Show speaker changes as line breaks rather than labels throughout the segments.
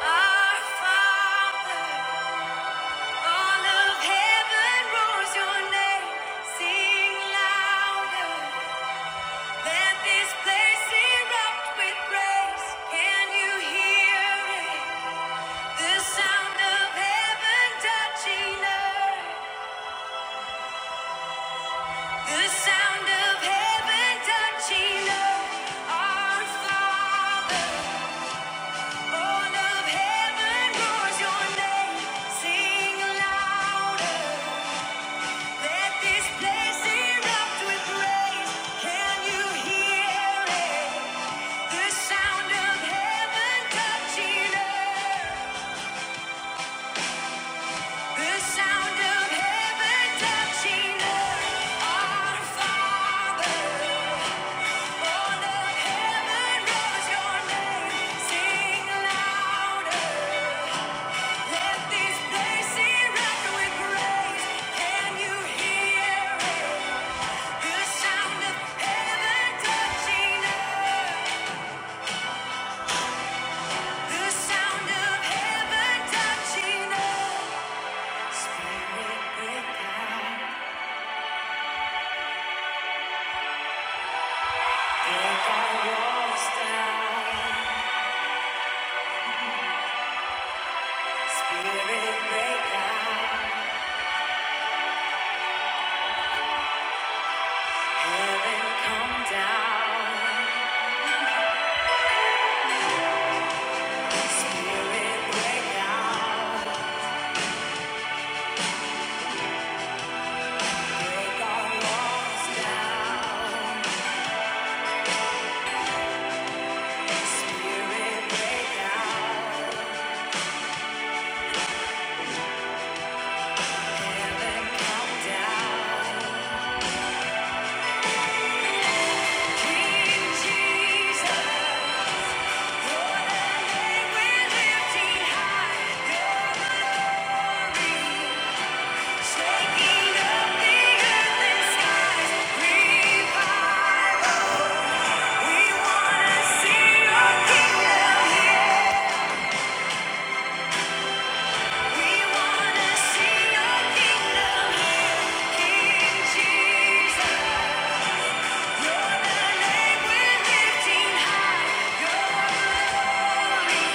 Our Father, all of heaven roars your name. Sing louder. Let this place erupt with praise. Can you hear it? The sound of heaven touching earth. The sound of heaven touching earth. Our Father, all of heaven roars your name. Sing louder. Let this place erupt with praise. Can you hear it? The sound of heaven touching earth. The sound of heaven touching earth. Our Father, all of heaven knows your name. Sing louder. Let this place erupt with praise. Can you hear it? Spirit break out, heaven come down. Thank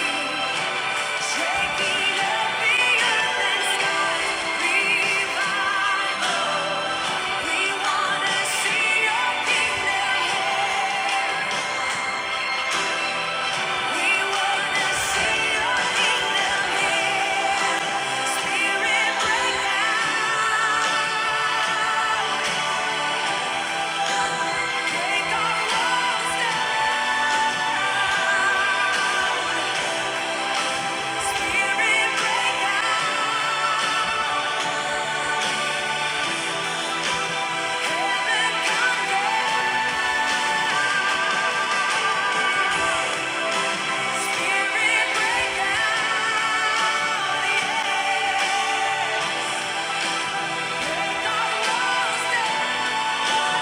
you Spirit, break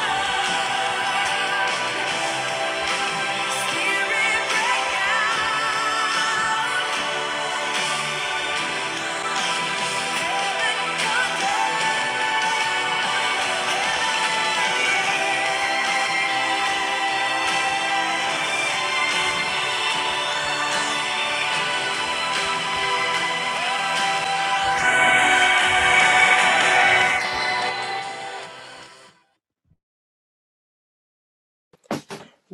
Yeah.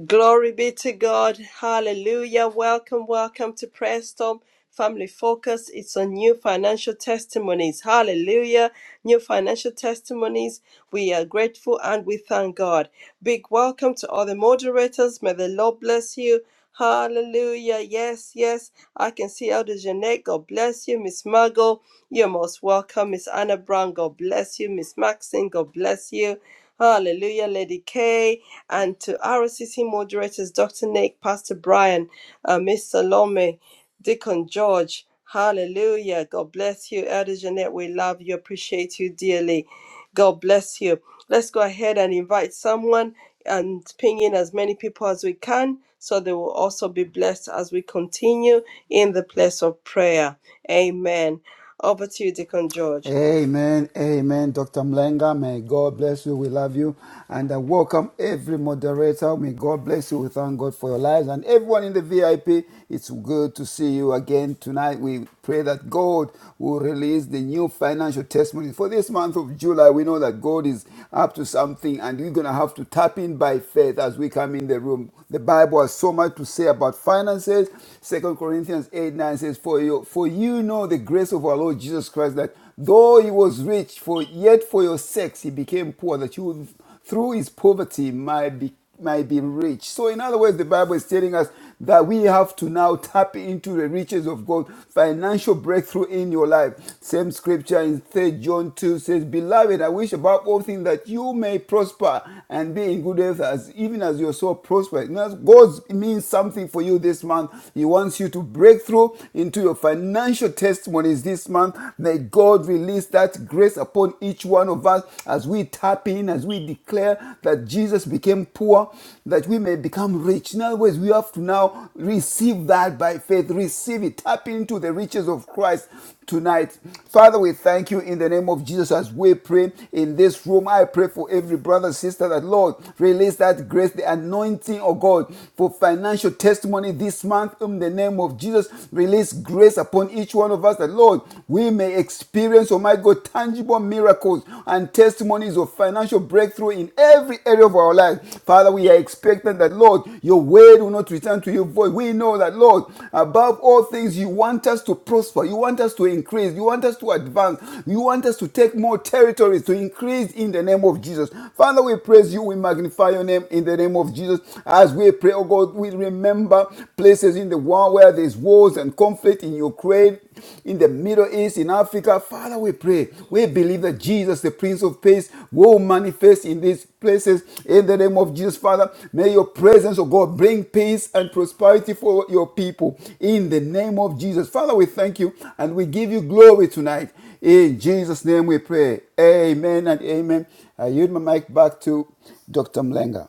Glory be to God. Hallelujah. Welcome, welcome to Prayer Storm Family Focus. It's on new financial testimonies. Hallelujah. New financial testimonies. We are grateful and we thank God. Big welcome to all the moderators. May the Lord bless you. Hallelujah. Yes, yes. I can see Elder Jeanette. God bless you. Miss Margot, you're most welcome. Miss Anna Brown, God bless you. Miss Maxine, God bless you. Hallelujah, Lady K, and to RCC moderators, Dr. Nick, Pastor Brian, uh, Miss Salome, Deacon George. Hallelujah. God bless you, Elder Jeanette. We love you, appreciate you dearly. God bless you. Let's go ahead and invite someone and ping in as many people as we can so they will also be blessed as we continue in the place of prayer. Amen. Over to you, Deacon George.
Amen, amen, Dr. Mlenga. May God bless you. We love you. And I welcome every moderator. May God bless you. We thank God for your lives and everyone in the VIP. It's good to see you again tonight. We pray that God will release the new financial testimony for this month of July. We know that God is up to something and we're going to have to tap in by faith as we come in the room. The Bible has so much to say about finances. Second Corinthians 8 9 says, For you, for you know the grace of our Lord Jesus Christ that Though he was rich, for yet for your sakes he became poor, that you through his poverty might be might be rich. So in other words, the Bible is telling us that we have to now tap into the riches of God, financial breakthrough in your life. Same scripture in 3 John 2 says, Beloved, I wish above all things that you may prosper and be in good health as even as your soul prospers. You God means something for you this month. He wants you to break through into your financial financial testimonies this month. May God release that grace upon each one of us as we tap in, as we declare that Jesus became poor, that we may become rich. In other words, we have to now receive that by faith. Receive it. Tap into the riches of Christ tonight. Father, we thank you in the name of Jesus as we pray in this room. I pray for every brother, sister that Lord release that grace, the anointing of God for financial testimony this month in the name of Jesus. Release grace upon each one of us that Lord we may experience, oh my God, tangible miracles and testimonies of financial breakthrough in every area of our life. Father, Father, we are expecting that, Lord, your word will not return to you void. We know that, Lord, above all things, you want us to prosper. You want us to increase. You want us to advance. You want us to take more territories, to increase in the name of Jesus. Father, we praise you. We magnify your name in the name of Jesus. As we pray, oh God, we remember places in the world where there's wars and conflict in Ukraine in the Middle East, in Africa. Father, we pray. We believe that Jesus, the Prince of Peace, will manifest in these places in the name of Jesus, Father. May your presence, oh God, bring peace and prosperity for your people in the name of Jesus. Father, we thank you and we give you glory tonight. In Jesus' name we pray. Amen and amen. I yield my mic back to Dr. Mlenga.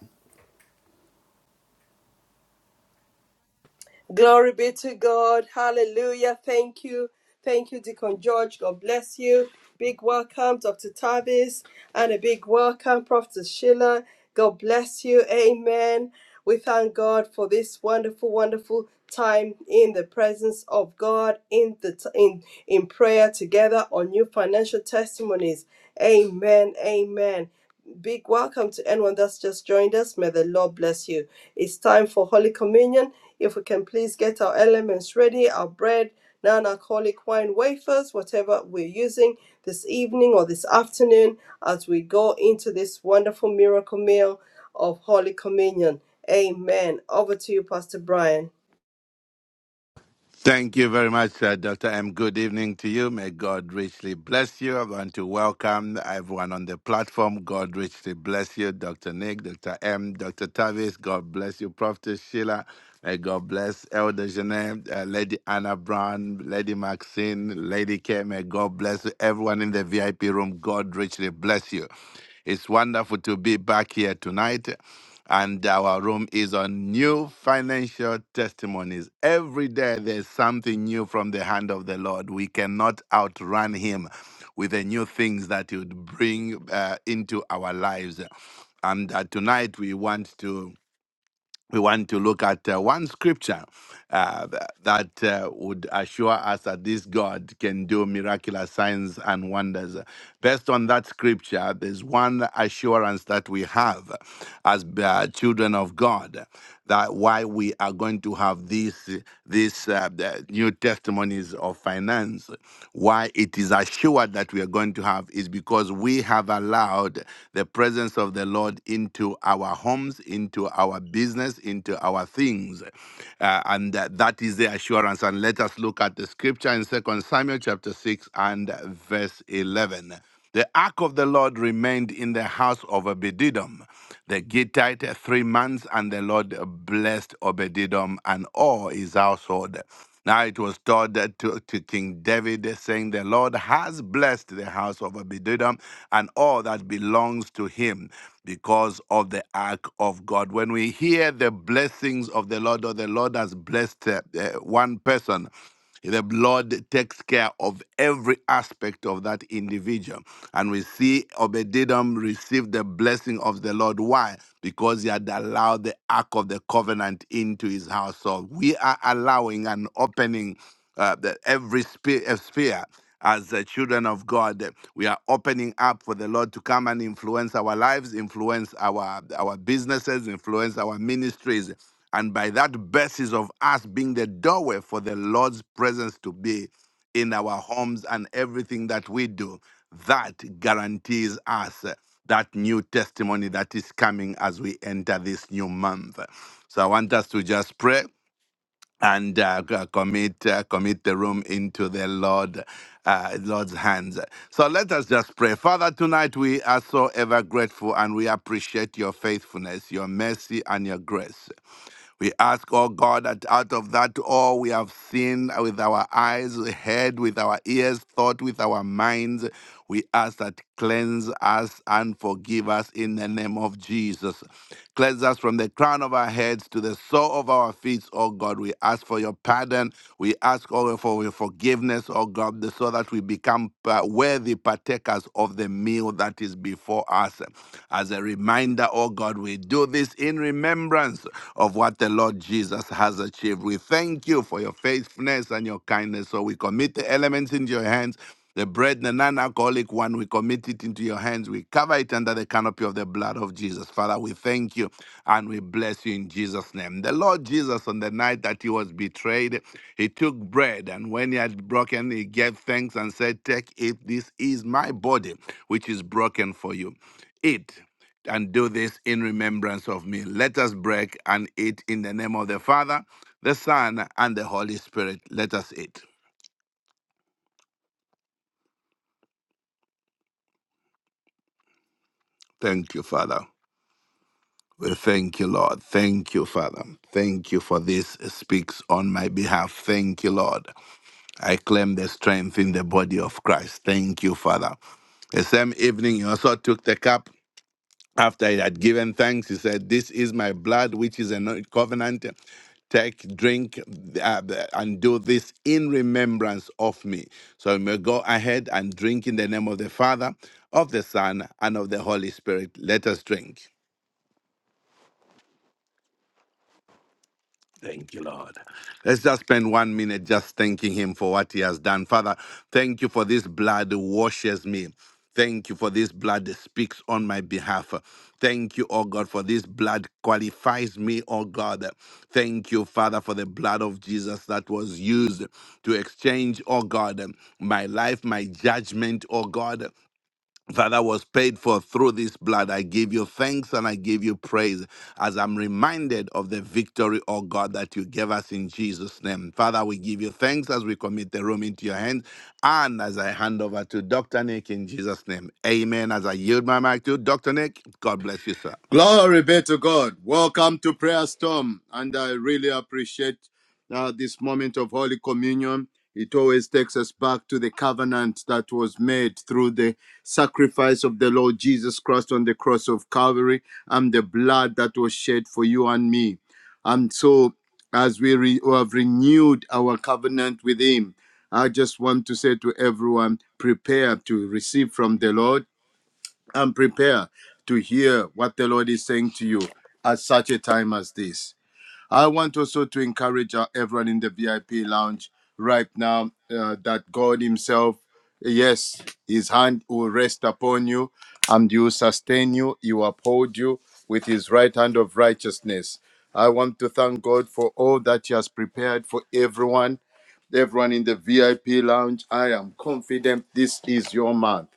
Glory be to God. Hallelujah. Thank you. Thank you, Deacon George. God bless you. Big welcome, Dr. Tavis, and a big welcome, Prophet Sheila. God bless you. Amen. We thank God for this wonderful, wonderful time in the presence of God in the t- in in prayer together on new financial testimonies. Amen. Amen. Big welcome to anyone that's just joined us. May the Lord bless you. It's time for Holy Communion. If we can please get our elements ready, our bread, non alcoholic wine, wafers, whatever we're using this evening or this afternoon as we go into this wonderful miracle meal of Holy Communion. Amen. Over to you, Pastor Brian.
Thank you very much, uh, Dr. M. Good evening to you. May God richly bless you. I want to welcome everyone on the platform. God richly bless you, Dr. Nick, Dr. M, Dr. Tavis. God bless you, Prophet Sheila. May God bless Elder Jeanette, uh, Lady Anna Brown, Lady Maxine, Lady K. May God bless everyone in the VIP room. God richly bless you. It's wonderful to be back here tonight. And our room is on new financial testimonies. Every day there's something new from the hand of the Lord. We cannot outrun Him with the new things that He would bring uh, into our lives. And uh, tonight we want to we want to look at uh, one scripture uh, th- that uh, would assure us that this God can do miraculous signs and wonders. Based on that scripture, there's one assurance that we have as uh, children of God that why we are going to have these these uh, the new testimonies of finance. Why it is assured that we are going to have is because we have allowed the presence of of the Lord into our homes, into our business, into our things. Uh, and that, that is the assurance. And let us look at the scripture in Second Samuel chapter 6 and verse 11. The ark of the Lord remained in the house of Obededom. The Gittite uh, three months, and the Lord blessed Obededom and all his household. Now it was told that to, to King David, saying, The Lord has blessed the house of Obededom and all that belongs to him because of the ark of God. When we hear the blessings of the Lord, or the Lord has blessed uh, uh, one person, the blood takes care of every aspect of that individual. And we see Obedidom receive the blessing of the Lord. Why? Because he had allowed the ark of the covenant into his household. We are allowing and opening uh, the, every spe- uh, sphere as the children of God. We are opening up for the Lord to come and influence our lives, influence our, our businesses, influence our ministries and by that basis of us being the doorway for the Lord's presence to be in our homes and everything that we do, that guarantees us that new testimony that is coming as we enter this new month. So I want us to just pray and uh, c- commit uh, commit the room into the Lord uh, Lord's hands. So let us just pray. Father, tonight we are so ever grateful and we appreciate your faithfulness, your mercy, and your grace. We ask, oh God, that out of that all we have seen with our eyes, heard with our ears, thought with our minds, we ask that cleanse us and forgive us in the name of Jesus. Cleanse us from the crown of our heads to the sole of our feet, oh God. We ask for your pardon we ask, oh, God, for your forgiveness, O God, so that we become uh, worthy partakers of the meal that is before us. As a reminder, O God, we do this in remembrance of what the Lord Jesus has achieved. We thank you for your faithfulness and your kindness. So we commit the elements into your hands. The bread, the non alcoholic one, we commit it into your hands. We cover it under the canopy of the blood of Jesus. Father, we thank you and we bless you in Jesus' name. The Lord Jesus, on the night that he was betrayed, he took bread and when he had broken, he gave thanks and said, Take it, this is my body, which is broken for you. Eat and do this in remembrance of me. Let us break and eat in the name of the Father, the Son, and the Holy Spirit. Let us eat. Thank you, Father. We thank you, Lord. Thank you, Father. Thank you for this speaks on my behalf. Thank you, Lord. I claim the strength in the body of Christ. Thank you, Father. The same evening, he also took the cup after he had given thanks. He said, This is my blood, which is a new covenant. Take, drink, uh, and do this in remembrance of me. So we may go ahead and drink in the name of the Father, of the Son, and of the Holy Spirit. Let us drink. Thank you, Lord. Let's just spend one minute just thanking Him for what He has done. Father, thank you for this blood that washes me. Thank you for this blood that speaks on my behalf. Thank you, oh God, for this blood qualifies me, oh God. Thank you, Father, for the blood of Jesus that was used to exchange, oh God, my life, my judgment, oh God. Father was paid for through this blood. I give you thanks and I give you praise as I'm reminded of the victory, oh God, that you gave us in Jesus' name. Father, we give you thanks as we commit the room into your hands and as I hand over to Dr. Nick in Jesus' name. Amen. As I yield my mic to Dr. Nick, God bless you, sir.
Glory be to God. Welcome to Prayer Storm. And I really appreciate uh, this moment of Holy Communion. It always takes us back to the covenant that was made through the sacrifice of the Lord Jesus Christ on the cross of Calvary and the blood that was shed for you and me. And so, as we re- we have renewed our covenant with Him, I just want to say to everyone prepare to receive from the Lord and prepare to hear what the Lord is saying to you at such a time as this. I want also to encourage uh, everyone in the VIP lounge right now uh, that God Himself, yes, His hand will rest upon you and He will sustain you, He will uphold you with His right hand of righteousness. I want to thank God for all that He has prepared for everyone everyone in the VIP lounge, I am confident this is your month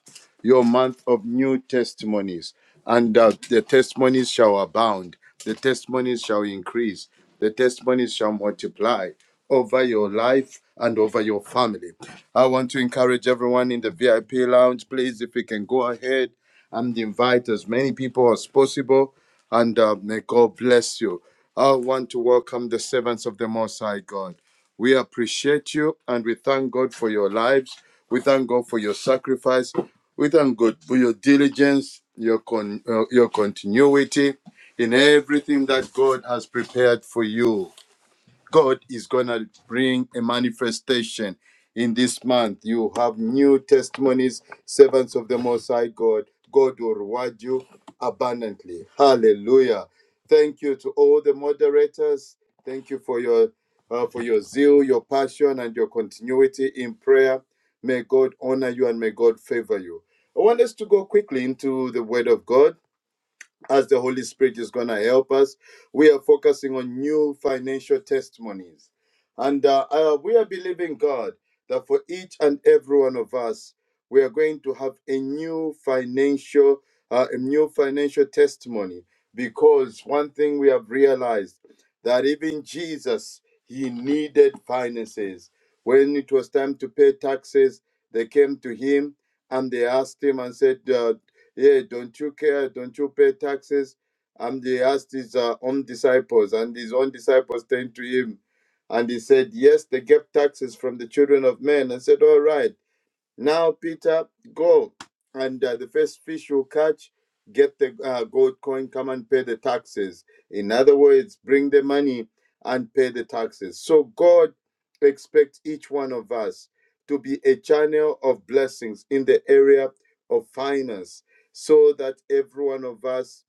your month of new testimonies, and uh, the testimonies shall abound, the testimonies shall increase, the testimonies shall multiply over your life and over your family. I want to encourage everyone in the VIP lounge, please, if we can go ahead and invite as many people as possible, and uh, may God bless you. I want to welcome the servants of the Most High God. We appreciate you and we thank God for your lives. We thank God for your sacrifice. We thank God for your diligence, your con- uh, your continuity in everything that God has prepared for you. God is going to bring a manifestation in this month. You have new testimonies, servants of the Most High God. God will reward you abundantly. Hallelujah. Thank you to all the moderators. Thank you for your uh, for your zeal, your passion, and your continuity in prayer. May God honor you and may God favor you. I want us to go quickly into the Word of God as the Holy Spirit is going to help us. We are focusing on new financial testimonies. And uh, uh, we are believing God that for each and every one of us, we are going to have a new financial, uh, a new financial testimony. Because one thing we have realized that even Jesus, he needed finances. When it was time to pay taxes, they came to him and they asked him and said, uh, yeah, don't you care? Don't you pay taxes? And he asked his uh, own disciples, and his own disciples turned to him, and he said, Yes, they get taxes from the children of men. And said, All right. Now, Peter, go and uh, the first fish you catch, get the uh, gold coin, come and pay the taxes. In other words, bring the money and pay the taxes. So, God expects each one of us to be a channel of blessings in the area of finance so that every one of us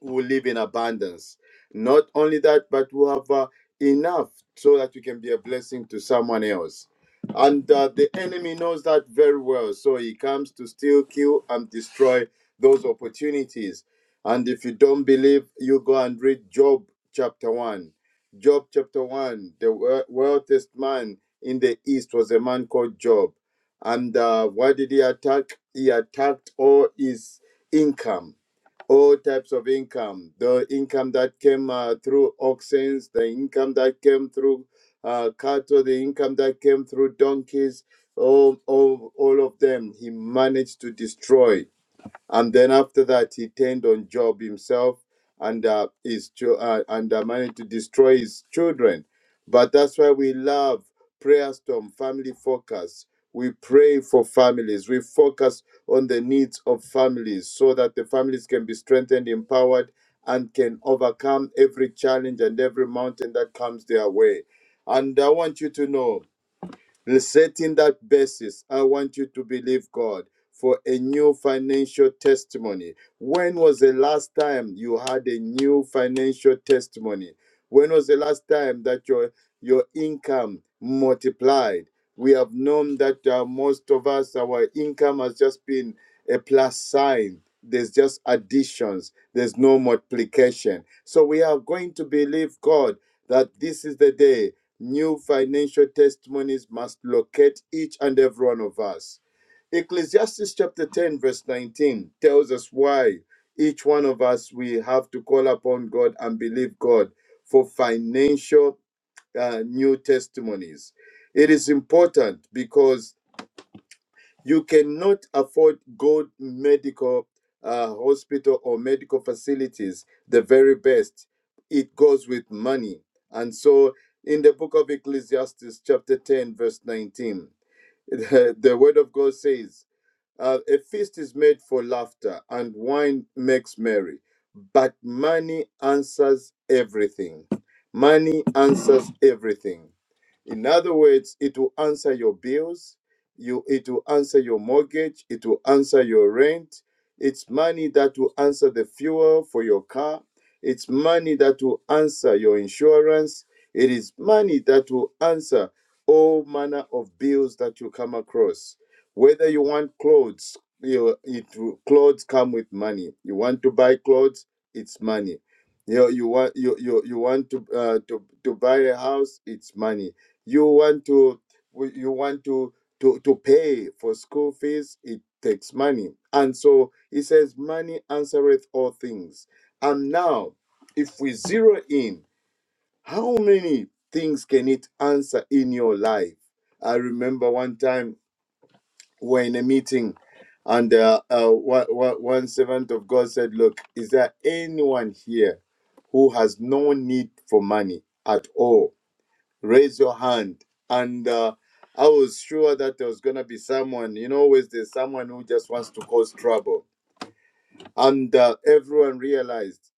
who live in abundance. Not only that, but we have uh, enough so that we can be a blessing to someone else. And uh, the enemy knows that very well. So he comes to steal, kill, and destroy those opportunities. And if you don't believe, you go and read Job chapter 1. Job chapter 1, the wea- wealthiest man in the East was a man called Job. And uh, what did he attack? He attacked all his income all types of income the income that came uh, through oxen the income that came through uh, cattle the income that came through donkeys all, all, all of them he managed to destroy and then after that, he turned on Job himself and uh, his chil- uh, and uh, managed to destroy his children. But that's why we love prayer storm, family focus. We pray for families. We focus on the needs of families so that the families can be strengthened, empowered, and can overcome every challenge and every mountain that comes their way. And I want you to know Setting that basis, I want you to believe God for a new financial testimony. When was the last time you had a new financial testimony? When was the last time that your your income multiplied? We have known that uh, most of us, our income has just been a plus sign. There's just additions. There's no multiplication. So we are going to believe God that this is the day new financial testimonies must locate each and every one of us. Ecclesiastes chapter 10, verse 19 tells us why each one of us we have to call upon God and believe God for financial uh, new testimonies. It is important because you cannot afford good medical uh, hospital or medical facilities, the very best. It goes with money. And so in the book of Ecclesiastes, chapter 10, verse 19, the word of God says, uh, a feast is made for laughter, and wine makes merry. But money answers everything. Money answers everything. In other words, it will answer your bills. You, it will answer your mortgage. It will answer your rent. It's money that will answer the fuel for your car. It's money that will answer your insurance. It is money that will answer all manner of bills that you come across whether you want clothes, you it clothes come with money. You want to buy clothes, it's money. You know, you want you you, you want to uh, to to buy a house, it's money. You want to you want to to to pay for school fees, it takes money. And so he says, money answereth all things. And now, if we zero in, how many things can it answer in your life? I remember one time were in a meeting and uh, uh, one, one one servant of God said, Look, is there anyone here who has no need for money at all? Raise your hand. And uh, I was sure that there was going to be someone, you know, always there's someone who just wants to cause trouble. And uh, everyone realized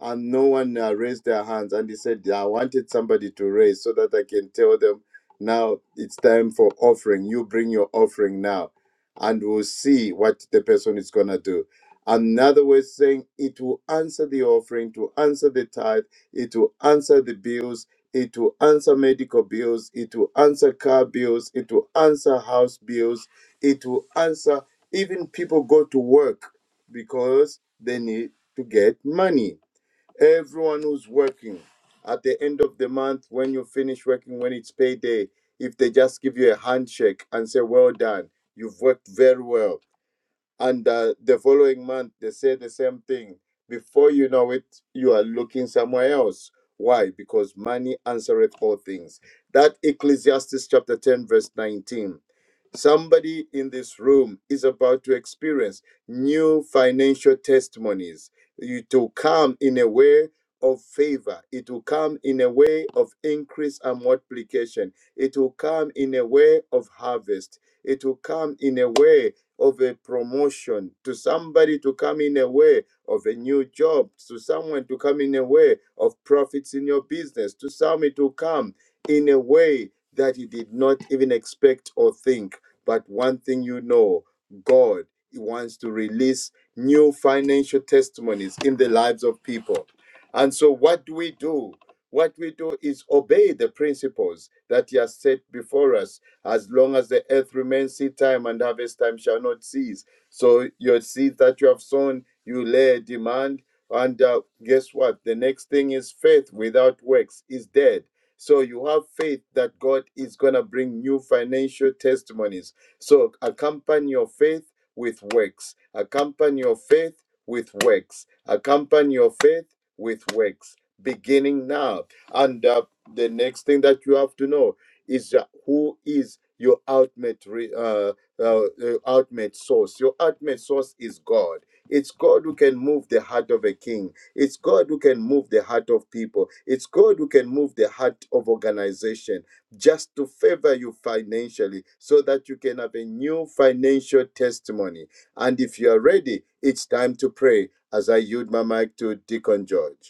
and no one uh, raised their hands. And he said, I wanted somebody to raise so that I can tell them now it's time for offering. You bring your offering now, and we'll see what the person is going to do. Another way saying it will answer the offering, to answer the tithe, it will answer the bills, it will answer medical bills, it will answer car bills, it will answer house bills, it will answer even people go to work because they need to get money Everyone who's working at the end of the month, when you finish working, when it's payday, if they just give you a handshake and say, Well done, you've worked very well. And uh, the following month, they say the same thing. Before you know it, you are looking somewhere else. Why? Because money answereth all things. That Ecclesiastes chapter 10, verse 19 Somebody in this room is about to experience new financial testimonies. It will come in a way of favor. It will come in a way of increase and multiplication. It will come in a way of harvest. It will come in a way of a promotion to somebody to come in a way of a new job, to someone to come in a way of profits in your business, to some it will come in a way that you did not even expect or think. But one thing you know God wants to release new financial testimonies in the lives of people. And so, what do we do? What we do is obey the principles that He has set before us. As long as the earth remains, seed time and harvest time shall not cease. So, your seed that you have sown, you lay a demand. And uh, guess what? The next thing is faith without works is dead. So you have faith that God is going to bring new financial testimonies so accompany your faith with works. Accompany your faith with works. Accompany your faith with works. Beginning now. And uh, the next thing that you have to know is uh, who is your ultimate, re- uh, uh, uh, ultimate source. Your ultimate source is God. It's God who can move the heart of a king. It's God who can move the heart of people. It's God who can move the heart of organization just to favor you financially so that you can have a new financial testimony. And if you are ready, it's time to pray as I yield my mic to Deacon George.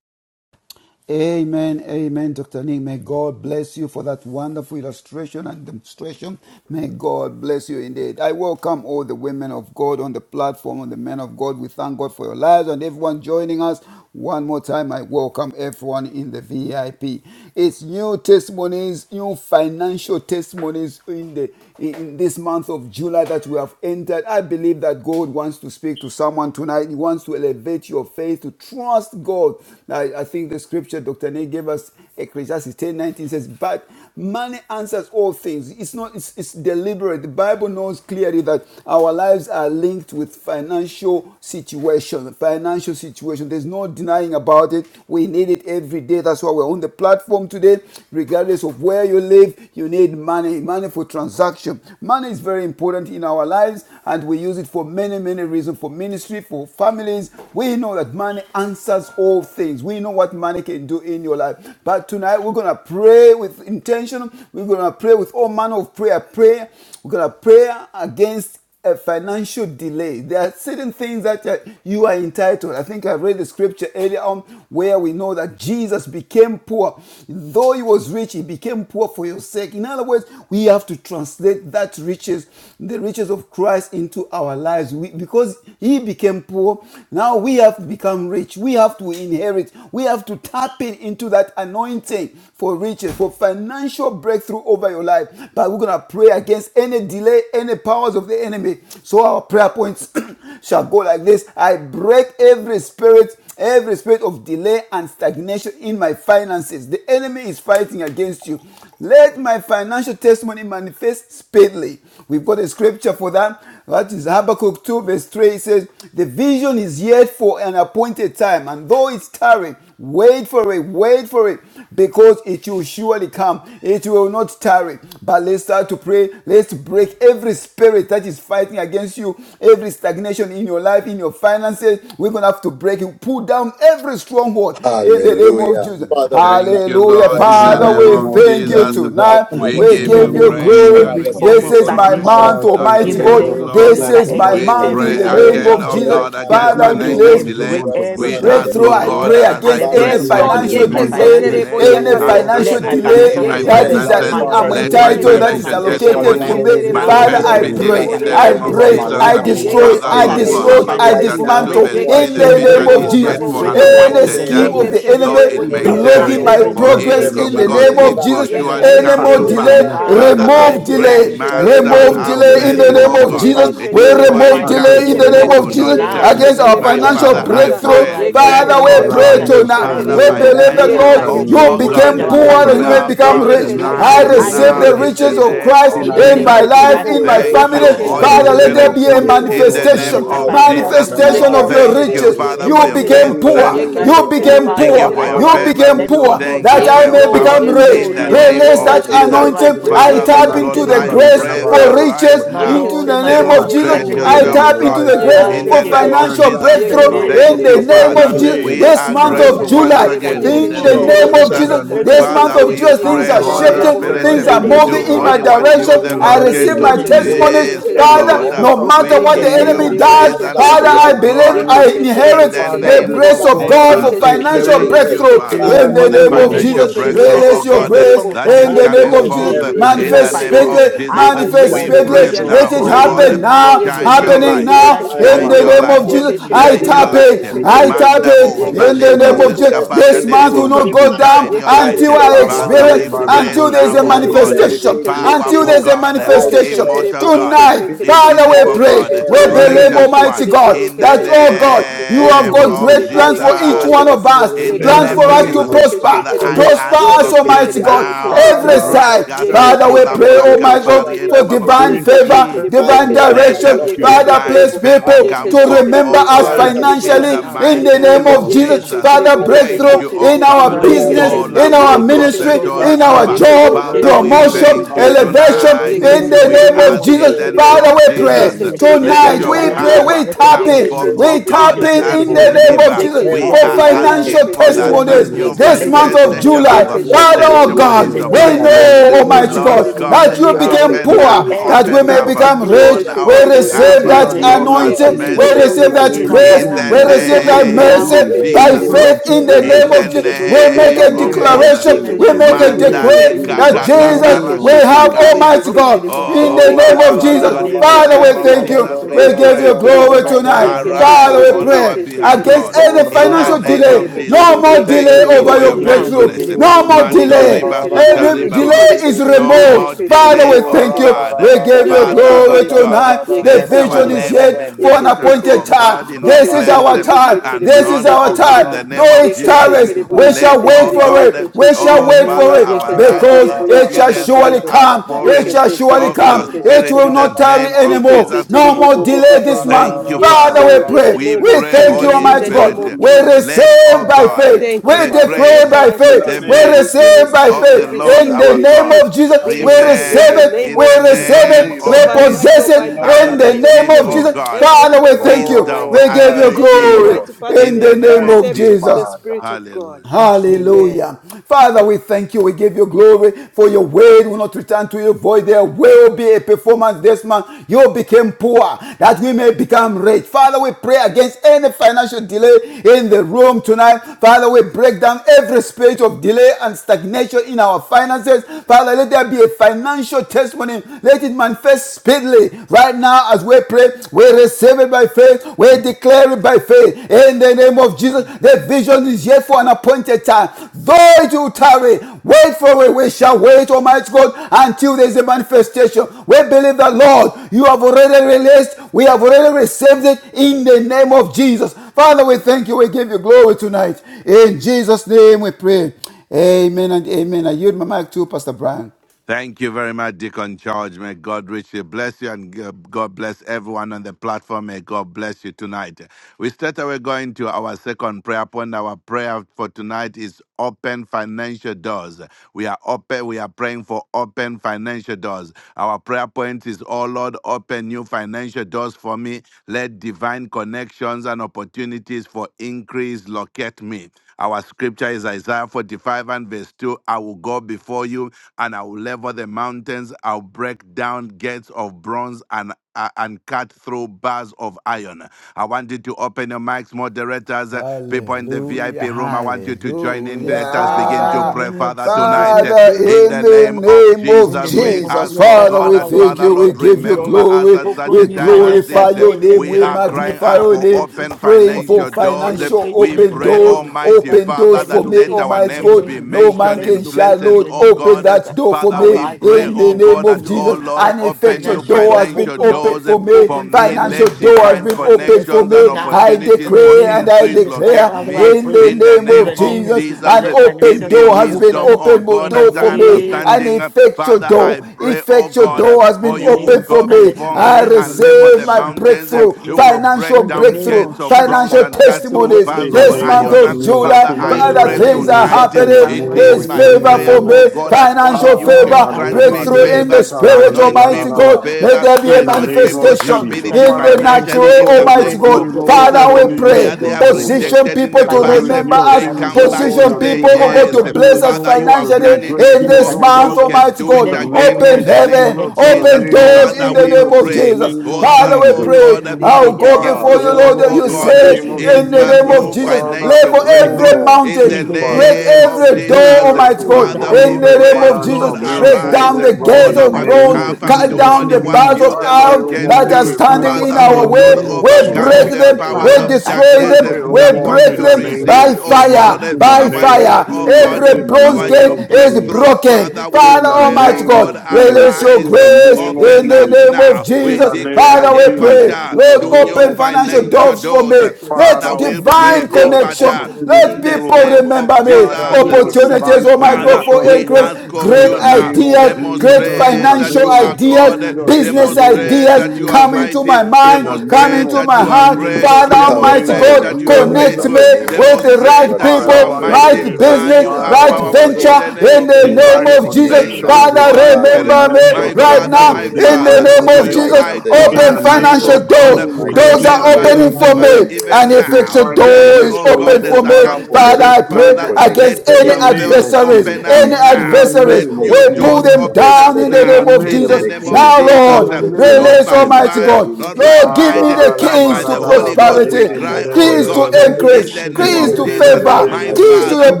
Amen, amen, Dr. Nick. May God bless you for that wonderful illustration and demonstration. May God bless you indeed. I welcome all the women of God on the platform, and the men of God. We thank God for your lives and everyone joining us. One more time, I welcome everyone in the VIP. It's new testimonies, new financial testimonies in the in in this month of July that we have entered. I believe that God wants to speak to someone tonight. He wants to elevate your faith, to trust God. I, I think think the scripture Dr. Nay gave us, Ecclesiastes ten nineteen says, But money answers all things. It's not, it's, it's deliberate. The Bible knows clearly that our lives are linked with financial situation. Financial situation. There's no denying about it. We need it every day. That's why we're on the platform today. Regardless of where you live, you need money. Money for transaction. Money is very important in our lives and we use it for many, many reasons for ministry, for families. We know that money answers all things things. We know what money can do in your life. But tonight we're going to pray with intention. We're going to pray with all manner of prayer. Prayer. We're going to pray against a financial delay. There are certain things that uh, you are entitled. I think I read the scripture earlier on where we know that Jesus became poor. Though he was rich, he became poor for your sake. In other words, we have to translate that riches, the riches of Christ into our lives. We, because he became poor, now we have become rich. We have have to inherit. We have to tap in into that anointing for riches, for financial breakthrough over your life. But we're going to pray against any delay, any powers of the enemy. So our prayer points shall go like this I break every spirit every spirit of delay and stagnation in my finances. The enemy is fighting against you. Let my financial testimony manifest speedily. We've got a scripture for that. That is Habakkuk 2, verse 3. It says, The vision is yet for an appointed appointed time, and though it's tiring, wait for it, wait for it, because it will surely come. It will not tarry. But let's start to pray. Let's break every spirit that is fighting against you, every stagnation in your life, in your finances. We're gonna have to break it, pull down every stronghold in the name of
Hallelujah.
Jesus.
Father, we
Thank
thank
you,
you
Hallelujah.
Lord,
right
in
In
now
She
in
the
the
the
will
Father,
name
name
we
name
of
find
of
of
us
thank you
Jesus.
Jesus.
Jesus,
And
tonight.
in
against
the
We
Father,
We
we
in
give
the
you
give
come,
name
you
name
of
of
Almighty
Jesus,
praise
glory.
and
every
we
Father,
Jesus.
to
give
form
you
This
of
is
pray.
my
glory.
Father,
stagnation.
month,
I
Father, we
thank
That,
In
come
Almighty
you,
the
to
O
yes,
God,
name
God.
pray
of
so
Lord,
This
Jesus,
much,
that
is
against
O
my
God,
we
for
against
financial
month
who
every
in
pray
you
the
are, O
delay
name
God.
again,
financial
of
oh
Jesus.
delay,
right
God,
now in
we
This
the
against
come
Father,
month,
name
O
against
of
financial
release
every
God, is a
Jesus
delay.
break,
month
Christ,
of
the
every
We
Son
spirit
of
blessing to
of
the
ask,
Breakthrough,
me,
oh
O
I
living
delay,
God,
God.
pray
God.
that as
and
I
against
every
This
spirit
Father,
any
break
of
we
month
Lord.
is
every
a
financial
pray
stagnation by
Yeke
month
spirit
of
and
of
delay,
we
finances.
seterebo,
delay
breakthrough,
break
any
O
yaka
and
God.
every
financial
Let my
seterebo,
spirit
stagnation
This
delay
of
in
financial
month
my
yeke
of
that
delay
testimony
is uh,
July,
finances,
seterebo,
in,
and
I'm
Father,
manifest
yeke
you
let
are
my
speedily.
entitled,
going
Let
stagnation
that
to
it
seterebo,
is
financial
in
manifest
my
destroy,
allocated
yeke
O
for
speedily
testimony
me.
God, every
sheterebo,
finances.
now in
plant
the
Father,
yeke
manifest
of
Let
the
I
name
my
of
enemy
Jesus.
pray,
speedily
sheterebo,
That
in the
yeke
I
financial
name
every
of
over
spirit
my
break,
of
sheterebo,
testimony
Jesus.
life
I
and over
delay,
my
destroy,
yeke
manifest
Father,
of
I
family in
Lord,
the
for
speedily
seterebo,
name
stagnation,
dislodge,
of
I
Habakkuk
finance,
Jesus.
right
we
sheterebo,
chapter
now,
2,
break
dismantle
oh
verse
it.
I
God.
yeke
3,
in
pray,
the
We
the
O
The
God,
name
vision
for
sheterebo,
break
of
your
bo
it.
is
bo
Father,
yet
We
bo
mercy,
Jesus.
for
it
bo
O
break
an
bo
it
God,
shall
bo
now
be
and
bo,
Any
for
in the
appointed
your
said,
scheme
time
name
of
yeke
of
the
forgiveness.
Almighty
Jesus.
enemy
though
God,
seterebo,
you
it
We
all
may
I
yeke
break it
know
pray,
and
now
O
tarry,
blocking
in the
God,
my
for
sheterebo,
nobody
name
for
of
mercy
Jesus.
it
progress
in
It
yeke
is
except
the
in the
name
love.
of
because
name
broken
sheterebo,
of
it
Jesus.
will
Jesus,
in
Father,
the
yeke
surely
I
name
any
of
I
come
more
pray
to
sheterebo,
pray
Jesus
for
for
delay,
pass.
yeke
Christ.
mercy
that
Father,
in the
Father,
sheterebo,
Lord,
name
I
of
remove
every
financial,
Jesus.
pray,
yeke
kind
new
delay.
of
I
sheterebo,
delay
Master,
financial
pray
Remove
yeke
have
for
in the
delay
mercy
in
testimony
the
mercy,
in
name
sheterebo,
the
name
O
of
of
to
Jesus
name
God.
of
Jesus.
yeke
Jesus.
come
Christ
It
We
will
to
through
sheterebo,
my
surely
remove
I
yeke
pray
finances
come.
delay
speedily,
in
be
O
for
the
mercy
name
God,
sheterebo,
It will
of
from
in
broken
the
Jesus
not
the
name of
yeke
now
north,
in the
tarry.
the
against
Jesus.
name
our
south,
sheterebo,
of
My
the
Father,
Jesus
east,
financial
yaka
have
Father,
Christ.
and
I
mercy
the
kaka.
breakthrough.
on
Father,
west,
me.
pray,
I
O
pray in
God.
the
let,
Father, we
name
O
of
I
Father,
Yekesheterebo,
Jesus
pray
have
God,
Christ.
pray,
mercy
tonight.
Every
on
Father,
me,
Father,
We
O
spirit
yekesheterebo,
of
God.
that
believe that,
delay and
Lord,
financial
Lord,
That in
you
hope,
stagnation
your
you
O
visit
yekesheterebo,
in
mercy,
God,
became
me,
our
poor
O
Lord,
that
God,
we
finances.
may
you
our
will
become
afresh,
Let
speak
it
God,
be
for
rich.
O
me,
God.
O
broken.
I
God.
rise
You
yekesheterebo,
You
I
will
receive
now
the
break
visit
bless
it
in
my
the
me.
riches of
yekesheterebo,
spirit,
name
Christ
In
soul,
in
of
the
the
and
in
name
name
my
of
Jesus.
of
body.
this
life,
guy.
yekesheterebo,
in
You
my
Jesus.
Let my
Thank
family.
you,
visit
In
financial
my
the
Holy
Father,
yekesheterebo, yekesheterebo,
let
name
testimony
family.
of
there
Spirit,
come
be a
forth
You
Jesus,
in
speedily.
the
visit
Lord, you
my
name
manifestation,
Let my
of
will,
household.
financial
O
Jesus.
God,
strength
My
come
manifestation of
enlarge
forth
Father,
your
my
Thank
speedily.
you,
yekesheterebo,
I
riches.
Father,
pray.
In
territory.
for
the
You
your
Oh
name
became
yekesheterebo,
of
In
my
the
yekesheterebo,
Lord
poor.
faithfulness.
Jesus
and
You
my
name of
Christ.
God,
Oh,
Jesus.
became
in
yekesheterebo,
Father,
the
Thank you
poor.
Lord,
name
for
I
sheterebo,
of
your
Father, I
You
pray.
favor.
became
Jesus,
thank
Let it
you, O
poor
come
the
God,
forth
Thank
that
you for
I
Yes,
your
because
speedily.
Father,
may
Lord.
In
power.
become
the
Yes,
release
rich.
In
Lord.
the
you
name
are
Almighty
of
name
God
Release
Jesus
able
the
Christ.
of
that
to
grace,
do
Jesus,
Father, I
Yekeshetelebo.
anointing.
exceedingly
pray
and
for
I
Father,
this
release
right
the
tap
Lord
now in
God,
the
abundantly
into the
more
Yekeshetelebo.
name
I
of
than I
anointing,
grace
can
Jesus
pray,
Christ.
for
ever ask
release
riches
the
arise
for.
My
you.
now.
into
power,
Lord and
the
my
name
Yekeshetelebo.
God.
I
of
pray,
Jesus.
In
O
the
Demonstrate
God,
I
that
name
in
yourself
Yekeshetelebo.
my
tap
Abba,
into
life,
the
strong.
O
grace
Father,
God,
In
for
the
I
name of
am
Yekeshetelebo.
Balekebosha.
financial
turn
Jesus,
In
it
the
trusting
breakthrough
you
around.
name
in
of
thank
Yekeshetelebo. Yekeshetelebo.
you,
the
that
Jesus Christ,
name
In
my
we
Father.
the
of
God,
Jesus.
you
pray.
are
name
We
Yekeshetelebo.
not
of
This
are
a
In
Jesus,
the
month
in
man
of
grateful
name
that
of
you
once
July,
should
Jesus
the
Yekeshetelebo.
Christ,
name
again
lie,
this
in
of
in
the
the
month,
name
oh
nor
of
God,
name
the
in
Jesus,
of
the
in
Son
Jesus.
Jesus,
of
the
name of
Man
this
that
name of
Jesus
you
month
Father,
Christ.
should
of
we
Yekeshetelebo. Yekeshetelebo.
July,
repent.
things
pray,
Father,
are
Lord, we
Holy
Have
are
shifting,
Father,
Yekeshetelebo.
you
praying
Spirit,
turn
in
not
things
the
are
said
name
things
of
it,
moving
do
Jesus
O
in my
Christ,
only
Yekeshetelebo.
around.
God?
Bo
what
bo
Lord.
direction.
you,
bo
Shall you
the
bo.
In
I
the
not
Lord, can
receive
name
make
in
do.
my
of
the
it
name
Jesus,
of
good
Yekeshetelebo.
testimonies,
Jesus
Yes,
Christ.
right
every
Lord,
Father.
We
Yekeshetelebo.
now,
No
obstacle,
broke it
we
matter
in
Almighty
what
the
the
give
Father?
you
name
cool,
enemy
O
of
Yekeshetelebo.
does,
Jesus
The
praise
God,
Christ,
and we
Father,
Father,
give
area
Yekeshetelebo.
you
in
I
my
O
believe
glory.
God,
I
there
finances,
shall
Yekeshetelebo.
be
In
inherit
the
no
Father,
the
more.
name
grace
of
Yekeshetelebo.
of
destroy
Father,
God
and
Jesus,
for
take it
financial
financial
Yekeshetelebo.
away.
breakthrough
Thank
delay.
you,
In
breakthrough
Father,
Yekeshetelebo.
the
in
Father,
the
for
I
the
in
name
the
name
of
of
break
name of
financial
Jesus.
every
Yekesheterebo,
Jesus
breakthrough,
Christ.
spirit
oh
Release
of
your
God,
Every
eh,
grace
form
delay.
of
yekesheterebo,
that is
in
I
the
stagnation,
name
of
coming
of
curse
Jesus.
forth
yekesheterebo,
delay
eh,
every
Jesus,
in
in
my
spirit
the
of
Manifest
name
yekesheterebo,
speedily,
finances,
of
delay
I
Jesus. eh.
and
manifest
break
We
it.
Lord,
yekesheterebo,
speedily.
pray
days
It
stagnation
of
is
Let
now,
it
oh
and
rain,
broken
God,
let
eh,
happen
now
now,
in the
stagnation
shine your
name
rain
of
happening
in
yakaseterebo,
light,
Jesus
my
eh,
now
Christ.
in my
in
Oh
shine
life.
the
yekesheterebo,
finances,
your
oh
Lord,
name
my
of
light,
God.
eh,
God,
Jesus.
in the name
I
Let
of,
shine
In
yekesheterebo,
your
tap
the
my
light.
it,
eh.
name
I
financial
yekesheterebo,
tap it
of
testimony
Mandabosa,
in the name of
Jesus
yekesheterebo,
lebrosesca,
Jesus.
Christ,
manifest
yekesheterebo,
This
in
month
the name
speedily
will
of
parianderebosa,
not go
yekeseterebo,
Jesus
now.
down
Christ.
shine your light.
until
eh.
I
yekeseterebo, yekeseterebo,
Manifest
Father,
speedily
Abare
we
experience,
bare
pray
now.
until
bos
there's
now,
a
oh
gundere
God, eh,
yekesheterebo, yekesheterebo,
Manifest
mande
manifestation,
de
speedily
until
powerful
there's a
now.
God, eh,
ala.
I
manifestation.
pray,
yekeseterebo,
immortal
yekesheterebo,
Abba
God, eh,
Tonight,
Father.
Father, we
I
invisible
pray,
God, eh,
pray,
we
in
yekesheterebo, yekesheterebo,
righteous
believe,
the
righteous
God.
Almighty
one.
yekeseterebo,
I
God,
In the
that,
pray,
oh God, God.
powerful
You
God.
in the
name
have
name
of
got
name of
The
of
great
Jesus.
yekeseterebo,
Jesus
plans for
Father,
Christ,
each
Father,
pour
I
Jesus
one
yekeseterebo,
your
pray
of
in the
us.
spirit,
in the
name
In
Yeke
Plans
the
of
pour
name
for
your
Jesus
of
us
Christ.
seterebo,
to
name
Jesus.
of
yeke
anointing,
Father,
prosper.
pour
in
I
sheterebo,
the-
your
Prosper
ask
power.
us,
yeke
of you
Almighty
sheterebo,
That
God.
yeke
now.
Father,
Every
sheterebo,
oh
Father,
side.
God,
Raka
do
se
thank
yeke
Father, we
wonders
you
pray,
sheterebo,
and
oh
so
do
kolambraka
yeke
my
much,
God,
Lord.
barieda
for
sheterebo,
miracles
bababa.
even
divine
We
yeke
now.
favor,
thank
sheterebo,
you
My
so
divine
yeke
much,
Lord and
Lord.
my
Let uh,
direction.
sheterebo,
Thank
God,
you,
yeke
I
Father,
pray.
divine
place
sheterebo,
favor
people
thank
Abba,
yeke
you,
come
to
forth,
Father,
sheterebo,
O
remember
the
yeke
us
name
God,
of
thank
righteous
you,
sheterebo,
Jesus,
in
Father.
financially
that
Father,
yeke
the
Father,
in
I
the
mighty
sheterebo,
pray
Thank
name
in
name
you,
merciful
the
of
of
Lord.
yeke
name
Father,
Jesus.
of
Jesus.
Jesus.
sheterebo,
Father,
kind
yeke
Let
Thank
it
you,
breakthrough
O
Father.
in
sheterebo,
In
our
the
God.
now in
Lord,
yeke
the
business,
I
name
O
name
of
of
sheterebo,
in
Jesus,
our
pray,
that
yeke
Lambroko
Father,
Jesus,
ministry,
Lord, we
sheterebo,
are
Setori
I
in
Jehovah,
praying
our
with
Bababa.
pray
God.
yeke
job,
that
In
Father,
release
sheterebo,
the
we
you
yeke
name
promotion,
of
will
Almighty
Jesus,
thank you
God.
not
sheterebo,
yes,
elevation
Lord, we
tonight.
be
do.
Release
yeke
in
in
the
Almighty
We
seterebo,
the name
name
of
yeke
of
ask
God.
in
Jesus.
the
Jesus.
sheterebo,
name
that
Release
Father,
of
we
yeke
Almighty
Let it
pray
Jesus,
God.
be-
in the
seterebo,
let there
My
let
yeke
be
Tonight
name
your
we
God,
pray,
of
financial
let
test.
Jesus.
sheterebo,
we
power
there
Let there
be
be
tap
a
come
in,
yeke
forth,
release
testimony.
O
we
sheterebo,
from
Let
tap
God,
there
yeke
be
in
every
name
in
and
sheterebo,
of
testimony. Let
the
there
delay,
be
name of
deliver.
Jesus.
Jesus
testimony.
We
Let
Ah,
for
there
every
are
be
Yekesheterebo,
la ba
delay
testimony.
financial
asking for
de
In
that
ba
the
yekesheterebo,
every
do
testimonies
name of
new
Jesus,
do,
that
this
let there
zende
be
month
stagnation.
of
yekesheterebo,
de
financial
manifestation
July.
of
de
uh,
testimony.
Father, in
zenta
the
Father,
ba
name
yekesheterebo,
oh
of
ye
God,
In
testimonies
the
de
of
Jesus,
name
we
of
zenta le.
Jesus,
finance.
know,
we
anything,
Almighty
my
look
God,
Lord
unto
God, as
yekesheterebo,
you
we
in the
that
come
God,
you
name
to
of
a
Jesus. I'm
became
place
open
poor,
grateful
of
yekesheterebo, yekesheterebo,
for
Hmm.
up,
that
every
we
open
spirit
may
up
of
abundance, as
become
we
delay,
rich.
on
come
We
our
to a
every
yekesheterebo, yekesheterebo,
spirit
place,
behalf
of
receive
In the
that
and
sheterebo,
show
name
delay,
Almighty
of
of
us
God,
anointing, we
of
Jesus,
mercy
yekeseterebo,
stagnation
in
receive
the
overflow.
that
in
name
our
of
grace,
in
yekeseterebo,
My
the
we
finances
Jesus,
that
in
to be
the
receive
Father,
that
name
broken
of
we
name
yekesheterebo,
mercy
now.
of
Jesus, in
We
pray
the
by
for
Jesus.
name of
faith
break it
in
in
new
the
the
Jesus,
In
name
name
the
of
of
financial
Jesus.
yekesheterebo,
We
Jesus. Christ.
in
make
the
name
a
testimonies
We
of
yekesheterebo,
name
right
of
break
now
yekesheterebo,
in
Jesus.
it
the
declaration,
in the
name
we
Jesus,
of
name
make
of
in
a
the
yekesheterebo, yekesheterebo,
Jesus.
Jesus
Christ.
name of
decree
Christ.
Mandale
It is
Jesus,
that
the
broken
in
in the
Son
the
name
name
Jesus,
of
we
of
Jesus. Christ.
have
yekesheterebo,
Jesus.
It is
Almighty.
kakakarakakakaria.
Almighty
broken
God,
in the name
yekesheterebo,
of
in
Jesus.
Oh,
Christ.
Oh,
the
ra
name
Father,
of
ra
In
Lord
ra
the
Jesus.
yekesheterebo,
la
God,
ba
in
name of
the
ya
Jesus,
Father,
ra
name
we
Christ,
ra
of
ra
yekesheterebo,
thank
Father,
ra
we
you.
ra
Jesus,
pray
ra
for
we
We
this,
ra
give
ra ra ra
God.
pray
you
ra
to you.
Even
glory
yekesheterebo,
right now, in
tonight.
ra
the name of
ra ra
Father,
Arise
Jesus,
we
ra
yekesheterebo,
ra.
Christ.
on
pray
our
this is going
behalf,
to
yekesheterebo,
against
be
Lord,
any
O
broken
in
Yeke
the
rada
financial
now in
ba
the
name
delay.
of
name of
Jesus.
Jesus.
No
yekinleri de
more
de
It
delay
de de
Thank
is
de
you
over
de
for
Yekeseterebo, yekeseterebo,
your
your
broken
de de
now in the
breakthrough.
de de
faithfulness.
name
de
of
yekeseterebo,
No
de de
Jesus.
more
o
Mando
delay.
riba
zuntarara
yekeseterebo,
ba
sota
Every
riba
delay
baba.
yekinleri de
is
de de de.
No more
removed. Father,
delay,
we
o
oh
thank you.
yekeseterebo,
rakara
God.
We
ra ra
give
ra ra
you
yeke
ra
Father,
ra
glory
Lord
ra
sheterebo, yekeseterebo,
ra
God,
tonight.
ra ra ra
The
let
Yes,
ra
our
vision
Lord.
ra ra
is
yekeseterebo,
ra
names
yet
be
ra
for an
mentioned,
appointed
oh
yekeseterebo,
o
God,
time.
in the
This
raba
is
place
our
eh,
yekeseterebo,
time.
yekinleri de
and
sheterebo,
This
o
is
none,
our
oh
rana
God, in
ra
yekeseterebo,
the
time.
name
Though
of
it
zontire
Jesus.
ba
In the
tarries,
name
yekeseterebo, yekeseterebo,
rika
we
ra ra
shall
of
Let,
ra
wait
ra
oh
Jesus.
ra
for
God, eh,
it. We shall
oh
wait wait
o
for
Father, our
it
rakara ra ra
lives
because
ra
yekeseterebo, yekeseterebo,
ra
it
yeke
ra
shall
ra
experience
ra
an
surely
ra ra ra
come.
ba
It
outpouring
shall surely
yekinleri
yekeseterebo,
of
de
your
come.
de o
It
ru
spirit
will
in
ra ra
the
yekeseterebo,
not
ra ra
tarry
name
ra ra
of
anymore.
Jesus.
No
yekeseterebo,
Mm.
more
bo
o
bo bo
delay
bo
this
bo
In
rakara
the
ra
Thank
month.
you,
ra
name
ra
of
Yes,
ra
Father,
Father.
ra
we
Lord,
ra
Jesus
in
ba
pray.
the
Christ.
We
name
We
of
pray,
yekinleri de
thank you,
Jesus,
Holy
de
in
de
the
Almighty
In
o
name
God.
Spirit,
of
the
We
yundere
name of
ba
Jesus.
Jesus.
let, oh
receive by
zuta
God,
faith.
Thank
We
you,
the
Father. New
declare
grace,
by
In
financial
the
the
faith. We
name of
testimonies we
mercy
receive by
Jesus,
receive,
of
in
we
the
the
faith.
Lord
name
In
receive,
of
we
the
our
name
receive,
God
of
Jesus, in the
we
Jesus, we
name of
receive
receive
in the
Jesus,
remain
it.
name
in
We
the
of
in
In the
the
receive
Jesus.
name of
name
it.
name
We
Not
of
of
by
Jesus Christ.
might,
Jesus.
possess
Jesus,
not
it.
by
in the
power,
I
In
but
name
the
by
of
your
name
receive,
of
oh
spirit.
Jesus.
Jesus.
God,
Every
Father, we thank
underwriter,
you.
wisdom.
Almighty
We
Oh,
In
I
give
Father,
you
thank
let them,
you,
receive
glory.
Lord.
Almighty Father,
in
In
be
the
the name
name
Thank
of
of
you,
receptive to
Jesus.
the
Jesus.
Father.
Spirit of God.
Hallelujah.
the name of
Amen.
Hallelujah. Father, we thank you. We give you glory for your word will not return to you void. There will be a performance this month. You became poor that we may become rich. Father, we pray against any financial delay in the room tonight. Father, we break down every spirit of delay and stagnation in our finances. Father, let there be a financial testimony. Let it manifest speedily right now as we pray. We we receive it by faith, we
Hmm?
declare it by faith. In the name of Jesus, the vision is yet for an appointed time. Though it will tarry, wait for it. We shall wait, Almighty God, until there is a manifestation. We believe that, Lord, you have already released, we have already received it in the name of Jesus. Father, we thank you, we give you glory tonight. In Jesus' name we pray. Amen and amen. I yield my mic to Pastor Brian.
Thank you very much, Deacon George. May God richly bless you and uh, God bless everyone on the platform. May God bless you tonight. We straight away going to our second prayer point. Our prayer for tonight is open financial doors. We are open. We are praying for open financial doors. Our prayer point is, oh Lord, open new financial doors for me. Let divine connections and opportunities for increase locate me. Our scripture is Isaiah 45 and verse 2. I will go before you and I will level the mountains. I'll break down gates of bronze and uh, and cut through bars of iron. I want you to open your mics, moderators, uh, people in the VIP
Hallelujah,
room. I want you to join in.
hallelujah.
Jesus.
Let us
Father,
begin
in
to
the
pray,
name of
Father,
Jesus,
tonight.
we
Uh,
Father,
pray
In
in
the name of
the name
In
of
the
Jesus, we
name of
Jesus,
ask,
Jesus
oh
Christ,
Father,
God,
we
Father,
that
Lord,
thank
we
Father,
you,
pray
we
for
Lord,
give
open
you
remember
doors,
us
glory,
at such
we
open
a
new
time as
financial
glorify
this. Uh,
your
doors, the
name,
We
we
divine
are crying
magnify
connection
out
your
for
name,
opportunities
open
praying
for
for
financial
increase. It
doors. Uh,
financial
locates
We
me in
open
the
pray,
name
doors,
of Jesus
Almighty
Christ.
open doors
Father,
Let it
for
that
me,
let
locate
our
me in
Almighty
the
names
name
be
God.
of
No
Jesus Christ.
man
mentioned
Let
in
can
it
shut,
locate me in
places,
Lord,
the
oh
name of
open
God. Uh,
Jesus
that
Christ.
door for
Father,
me
Father,
we
I pray
pray,
in the
oh
even for
name
God,
this
of
that,
in the name
oh
Jesus.
of Jesus
Lord,
An
Lord,
Christ.
open
effectual
new
Financial
door
doors
has been
financial
open up,
opened
doors eh,
for me,
for
open in the
me.
name
financial
of
Let
the
Jesus
door
Christ.
has
Let
divine
been
financial
opened
doors
for
connections and
me.
open now
I
opportunities
in the
for
decree
name
and
of
I
increase
Jesus Christ.
declare
locate
Father, I
me
in the
pray
in the
name
in
name
of
the
of
name of
Jesus,
Jesus Christ.
Jesus.
an
eh.
Let
Give
open
financial
me
door
doors
has been
wisdom,
open
oh
opened
in
God,
the
door
and
for me.
name
An
of
understanding. eh.
effectual
Father, I
door,
pray, oh
effectual
God,
them.
eh,
door has
In
been
for
the
you
name
will
of
opened for
Jesus
go
Christ,
me.
let it be
before
I
me
open in the
and
name
level
of
receive
the
my
Jesus.
mountains. eh.
I
breakthrough,
You
pray.
will
financial
break
In the
down
name of
gates
breakthrough,
of
Jesus
bronze
Christ,
financial
and
Father, I
cut
pray,
through
but
testimonies.
in the
bars
In the
of
name
This
of
name
Jesus
month
of
iron.
Christ,
eh.
of
Lord,
Jesus,
Father,
in
July,
the
For
I
in the
other
name
pray
of
name
things
of
are
Jesus,
tonight. eh,
in
Jesus,
the
happening.
Father,
It
I
name
There
is
of
is
pray,
my
but in
favor
the
prayer,
for
name
Jesus.
oh
of
me,
Jesus
God,
Christ,
that only
Ah,
financial
Father,
you
Lord,
can
favor,
I
grant
abale,
grant
pray in
me
the
breakthrough
bale,
name
in
of
the
favor,
Jesus
kusotara,
Christ,
manda,
spiritual
anoint me
yara,
Almighty
for
rara.
God. Let
favor,
there be a
In the
anoint
name
me for
of
In
manifestation
Jesus
Jesus.
Christ,
stability
in
Father, I
the
let it
thank
be,
you,
financially
natural,
in
God,
God,
the
that
let
you're
there
Almighty
name
be, oh
doing,
God.
of
God,
oh God,
open
what
Jesus.
Father, we
doors,
only
pray.
you
Where
open
they
can
doors,
do,
have
oh
open
God.
doors,
Position
rejected in
people
the
to
You're
past,
doing
financial
remember
new
doors,
us.
they
things,
come
financial
oh
back
doors,
God.
we
to
Position
are
You're
here
say,
people,
for
doing
oh God,
mighty
Yes,
to
financial
bless
doors.
things,
us
oh
Father, you
God. You're
have
financially
doing
done it
great
in
Let
things,
before.
this
oh
financial
month,
God.
You can
doors,
Almighty
do
In
God.
it
let
the
divine
again
name
in
Open
of
protect me.
the name
heaven.
Jesus,
of
in
Connections
the
Jesus.
come
Open
name
forth for
of
doors
me in
Father,
in
the
the
we
name
name
Jesus,
of
of
in the
Jesus.
pray.
Jesus.
name of
Cause
Father,
Father,
us,
I
we
oh
pray
Jesus.
God
pray.
in the
God,
name
Lebo
to
I'll
of
go
Jesus.
yaka
begin
Ah,
before
to
you,
sete
yes,
walk,
Lord.
Father,
lebo.
that
we
oh
Lord,
You
in
pray
the
for
God
said
this
name
Yeke
in
of
the
in
in the
sete
for
name
name
Jesus.
of
of
lebo
new
bo
Jesus,
bo
Jesus.
bo
Father,
financial
level
bo bo
oh
bo.
breakthrough
every
Remember,
God,
in
we
the
mountain.
please,
pray
Yeke
in the
Father,
se
Break
name
name
of
terebo,
of
every
Jesus.
yeke
do
se
door,
Jesus.
miracles,
Almighty
terebo,
God.
oh
Remember
yeke
Father,
That
God.
se
we
In
Lord,
Great
the name
terebo,
pray,
of
the name
Jesus,
Lord,
financial
of
yeke se
Jesus.
break
miracles,
terebo,
arise
down
oh
the
yeke
God,
Father,
se
gates
in
on
the
of
our
I
terebo,
name
pray
bronze.
of
God
behalf
even
and
Cut
for
do
yeke
this
Jesus.
down
in
se
only
the
the
what
terebo,
name
bars
of
you,
of
yeke
I
the
se
pray,
iron
Lord,
oh
terebo,
you
God,
can
that
for
yeke
know,
are
se
do.
great
this will
terebo,
standing
go
in
Father,
in
financial
the
our
Lord
way.
yeke
God,
miracles,
name
se
oh
of
We
God,
terebo,
on
Jesus.
yeke
break
overcome
all
the
se
sides,
them.
oh
We
powers
God.
Father,
of
I
destroy
I
pray
terebo,
darkness
them.
pray,
God in
We
oh
the
that
yeke
God,
name
break
want
in
of
se
to
the
them
terebo,
name
Jesus.
of
resist
by
harvest,
yeke se
oh
terebo,
Jesus,
God,
fire.
eh,
in the
By
our
name
yeke
of
se
new,
fire.
oh
terebo,
God,
Jesus,
eh,
Every
in
yeke
the
se
bronze
our
terebo,
name
gate
new
of
is
breakthrough.
Jesus,
yeke se
broken.
Father,
terebo,
we
in
Father,
yeke
the
se terebo,
pray,
Almighty
oh
name of
God,
God,
yeke se
release
yeke se
Jesus,
your
in
arise,
terebo,
the
eh,
grace
name of
in
open
the
up
Jesus,
name of
now.
yeke se
in
We
Jesus.
the
terebo,
name
declare
Father,
of
yeke
we
se
Jesus,
pray,
terebo,
Ephata
in the
Lord,
to new
name
open
yeke
of
se terebo, yeke se
financial
terebo,
financial
Jesus.
doors for me.
doors.
yeke se
Father,
Father,
Let
we
terebo,
open
pray
new
divine
doors
yeke
of
se
connection,
Ephata
terebo,
let
in
opportunity,
yeke
the
oh
se
people
God.
name
terebo,
of
remember me.
Father, give
Jesus.
Yeke
us
Jesus,
Opportunities,
divine
I
seterebo
thank
Almighty
bo bo
God,
Father,
you, we
bo
for
connection,
bo
will
oh
we
bo.
increase,
God.
ask
continue
of
to
In
great
Yeke
you
the
now,
the
name
seterebo,
of
ideas,
pursuit
yeke
of in the
great
Jesus,
seterebo.
name
in
of
demonstrate
the
that
financial
Jesus,
you
name
are
of
ideas,
God,
Jesus,
Yekeshetelebo,
in the
business
name
shetelebo,
of
demonstrate
ideas
that you are
come
Jesus,
into
mighty,
my
yekeshetelebo,
in
mind,
the
yekeshetelebo,
come
name
into
demonstrate
of
into
that
my
Lord,
you
in the
are
heart.
name
yekeshebo,
of
great,
Jesus,
bo,
Father
bo,
in
bo,
the
Our
Jesus,
Almighty
name of
Father,
demonstrate
we
that
God,
you
pray
are
right
yekeshetelebo,
now
connect
Jesus.
in
me
faithful,
the name of
with
yekeshetelebo,
the
Jesus
right
demonstrate
Christ, the
that you
Ah,
Son
are
of
people,
the
yekeshetelebo,
right
mighty
living God,
Abalekeribu,
and
business,
you
yekeshetelebo,
that
are
Father,
right
our
oh
powerful
Father,
yekeshetelebo,
venture
in
we
God,
the name
in
pray
of
the
that
name
divine
yekeshetelebo,
Jesus.
of Jesus.
beginning
Thank
connection,
you,
now,
yekeshetelebo,
Father,
bo, bo,
Holy
divine
bo, bo,
Spirit.
remember
Father,
me
connection,
My
divine
open
right
Father,
now
yekeshetelebo,
in
connection,
my
financial
in the
divine
Father,
name
doors
divine
yekeshetelebo,
to
of
you
right
Jesus.
connection,
connection,
now
I
in the
go
name
in
yekeshetelebo,
divine
Open
and
of
the
ask,
name
connection,
oh
Jesus.
of
financial
God,
doors.
yekeshetelebo,
divine
My
Jesus,
God,
Doors
I
in
are
connection,
the
remember
pray,
yekeshetelebo,
in
your
the
opening
name of
for
name of
servants
oh
me.
Jesus,
Lord,
yekeshetelebo,
even
An
now.
open
effectual
new
divine
Change,
door is
financial
oh
yekeshetelebo,
connection,
yekeshetelebo,
doors
oh
God,
open
for
the
for
God,
me.
me.
Father, for
Father,
Let
circumstances,
I
breakthrough,
yekeshetelebo, yekeshetelebo,
oh
pray
divine
Father.
God,
connections
Let
against
in
and
any
the
new
adversity
name
fields
of
opportunities
adversaries,
for
open
Jesus
yekeshetelebo,
up
any
Christ, in
increase
the
now.
adversaries,
Let
name of
new
locate
yekeshetelebo,
we
me.
pull
doors
Jesus
in
shetelebo,
them
Christ,
open
Yes,
up
down
let
in the
in the
name
now
yekeshetelebo,
divine
of
in
name
the
Jesus.
of
name of
connections
Now,
Jesus,
and
in
Jesus.
the
Yekeseterebo,
uh,
Lord,
name of
Not
release
opportunities
by
yekeseterebo,
Almighty
Jesus.
for
fire,
God.
not by
increase
Lord, give
might,
me
yekeseterebo,
Ah,
the
locate
la
but
me
ba
by
keys
da
to
the
da da
Holy
Oh,
ba,
Ghost,
yekesheterebo,
ye
we
prosperity,
Father,
ken de
I
cry,
de de
oh
pray
de
keys to
right
de
the
God,
now
uh,
in
bo,
the
name of
increase,
name
in
of
the
Jesus,
name
I
yen
yekesheterebo,
keys
of
de
Jesus.
to
de de
pray,
Jesus.
de de
yekesheterebo,
favor,
de
My
Almighty
bo.
yekesheterebo,
keys
God,
to
Father,
you
your
in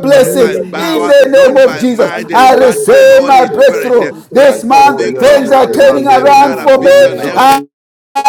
the
not
declare
by
that
name
you
of
in
go
power,
Jesus,
the
bosheterebo,
name
before
not
of
me
by
Jesus.
and
might,
you
I
but
level
yekesheterebo,
the
by
receive my
Holy
sheterebo,
mountains, oh
Spirit,
breakthrough
uh,
God,
this
and
bring
you
Oh,
yekesheterebo,
break
month.
yes,
conviction
Things
down
are
Lord, in
gates
the
yekesheterebo,
turning
of
upon them
name
bronze
around
that
of
are
for me.
and
vision
cut
I
help
yekesheterebo,
Jesus.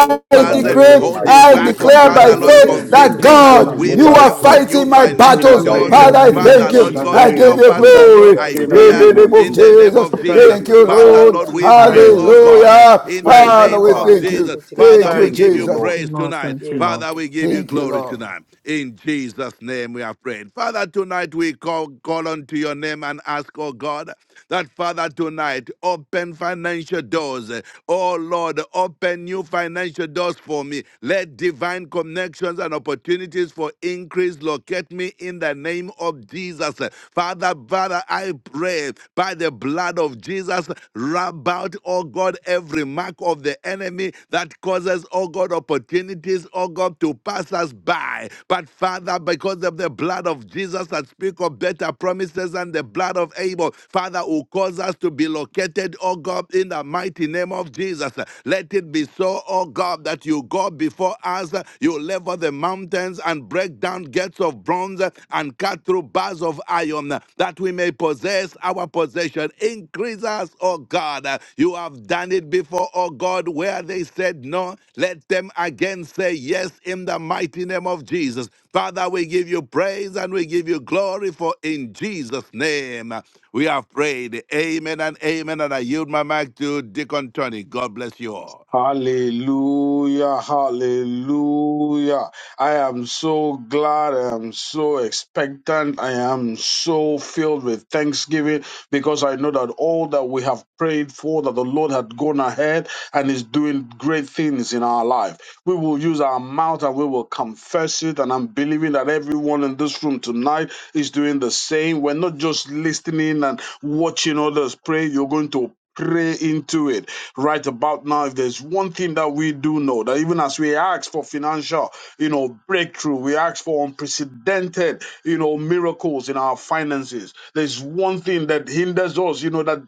In
I
the
Father,
bars
name
of
decree,
of
yekesheterebo,
iron.
holding
I
bo
back, oh
Jesus.
se
And
terebo,
declare
In the
by
Father,
Father, in
Lord,
name
the
of
yeke
faith
I
name
se
of
that
convict
pray
Jesus.
terebo,
them.
In
Jesus,
in the
God,
the
se
We
name
you
name
of
are
of
terebo,
pray
Father,
Jesus,
I
for
yeke
Jesus.
se
new
fighting
believe
my
terebo,
you
we
In
financial
the
battles.
and
pray
I
yeke
doors.
in
name
se
the
Father,
of
trust
I
you,
name
Jesus.
of
thank
Father,
you.
In
Lord
the
Almighty
Jesus,
God,
I
God.
terebo,
name
give
help
of
you
That
us
Jesus.
yeke
to
Father,
new
se
you
glory.
are
In
terebo,
the
able
In
to
yeke
the
name
ideas
do
se
of
name
this
of
in
Jesus.
terebo,
for
bo bo bo bo, bo, yekesheterebo, yekesheterebo, yekesheterebo, yekesheterebo, yekesheterebo, yekesheterebo, yekesheterebo,
the
me.
name
Jesus.
of
bosheterebo,
Thank
Jesus.
Thank
you,
Thank
you,
you,
Thank
Father,
Father.
Lord.
you,
Lord,
Father.
we
Jesus.
Father
pray,
Thank
Thank
Lord,
oh
you,
you,
Thank
Lord.
Father.
God,
Hallelujah.
in
Yes,
the
Thank you,
Father,
name
we
Lord.
of
thank
Father.
you.
Jesus. Father,
Thank
we
you,
Thank
give
you,
you
Jesus.
Lord.
you,
praise
Lord,
tonight.
thank you,
Yes,
Lord.
Father, we give you
Thank you,
glory
Lord.
tonight. In Jesus' name we are praying. Father, tonight we call, call unto your name and ask, oh God, that Father, tonight open financial doors. Oh Lord, open new financial financial doors for me. Let divine connections and opportunities for increase locate me in the name of Jesus. Father, Father, I pray by the blood of Jesus, rub out, oh God, every mark of the enemy that causes, oh God, opportunities, oh God, to pass us by. But Father, because of the blood of Jesus that speak of better promises and the blood of Abel, Father, who cause us to be located, oh God, in the mighty name of Jesus. Let it be so, oh God, that you go before us, you level the mountains and break down gates of bronze and cut through bars of iron, that we may possess our possession. Increase us, oh God. You have done it before, oh God, where they said no, let them again say yes in the mighty name of Jesus. Father, we give you praise and we give you glory, for in Jesus' name we have prayed. Amen and amen. And I yield my mic to Deacon Tony. God bless you all.
Hallelujah, hallelujah. I am so glad, I am so expectant, I am so filled with thanksgiving because I know that all that we have prayed for, that the Lord had gone ahead and is doing great things in our life. We will use our mouth and we will confess it. And I'm believing that everyone in this room tonight is doing the same. We're not just listening and watching others pray, you're going to pray into it right about now, if there's one thing that we do know, that even as we ask for financial, you know, breakthrough, we ask for unprecedented, you know, miracles in our finances. There's one thing that hinders us, you know, that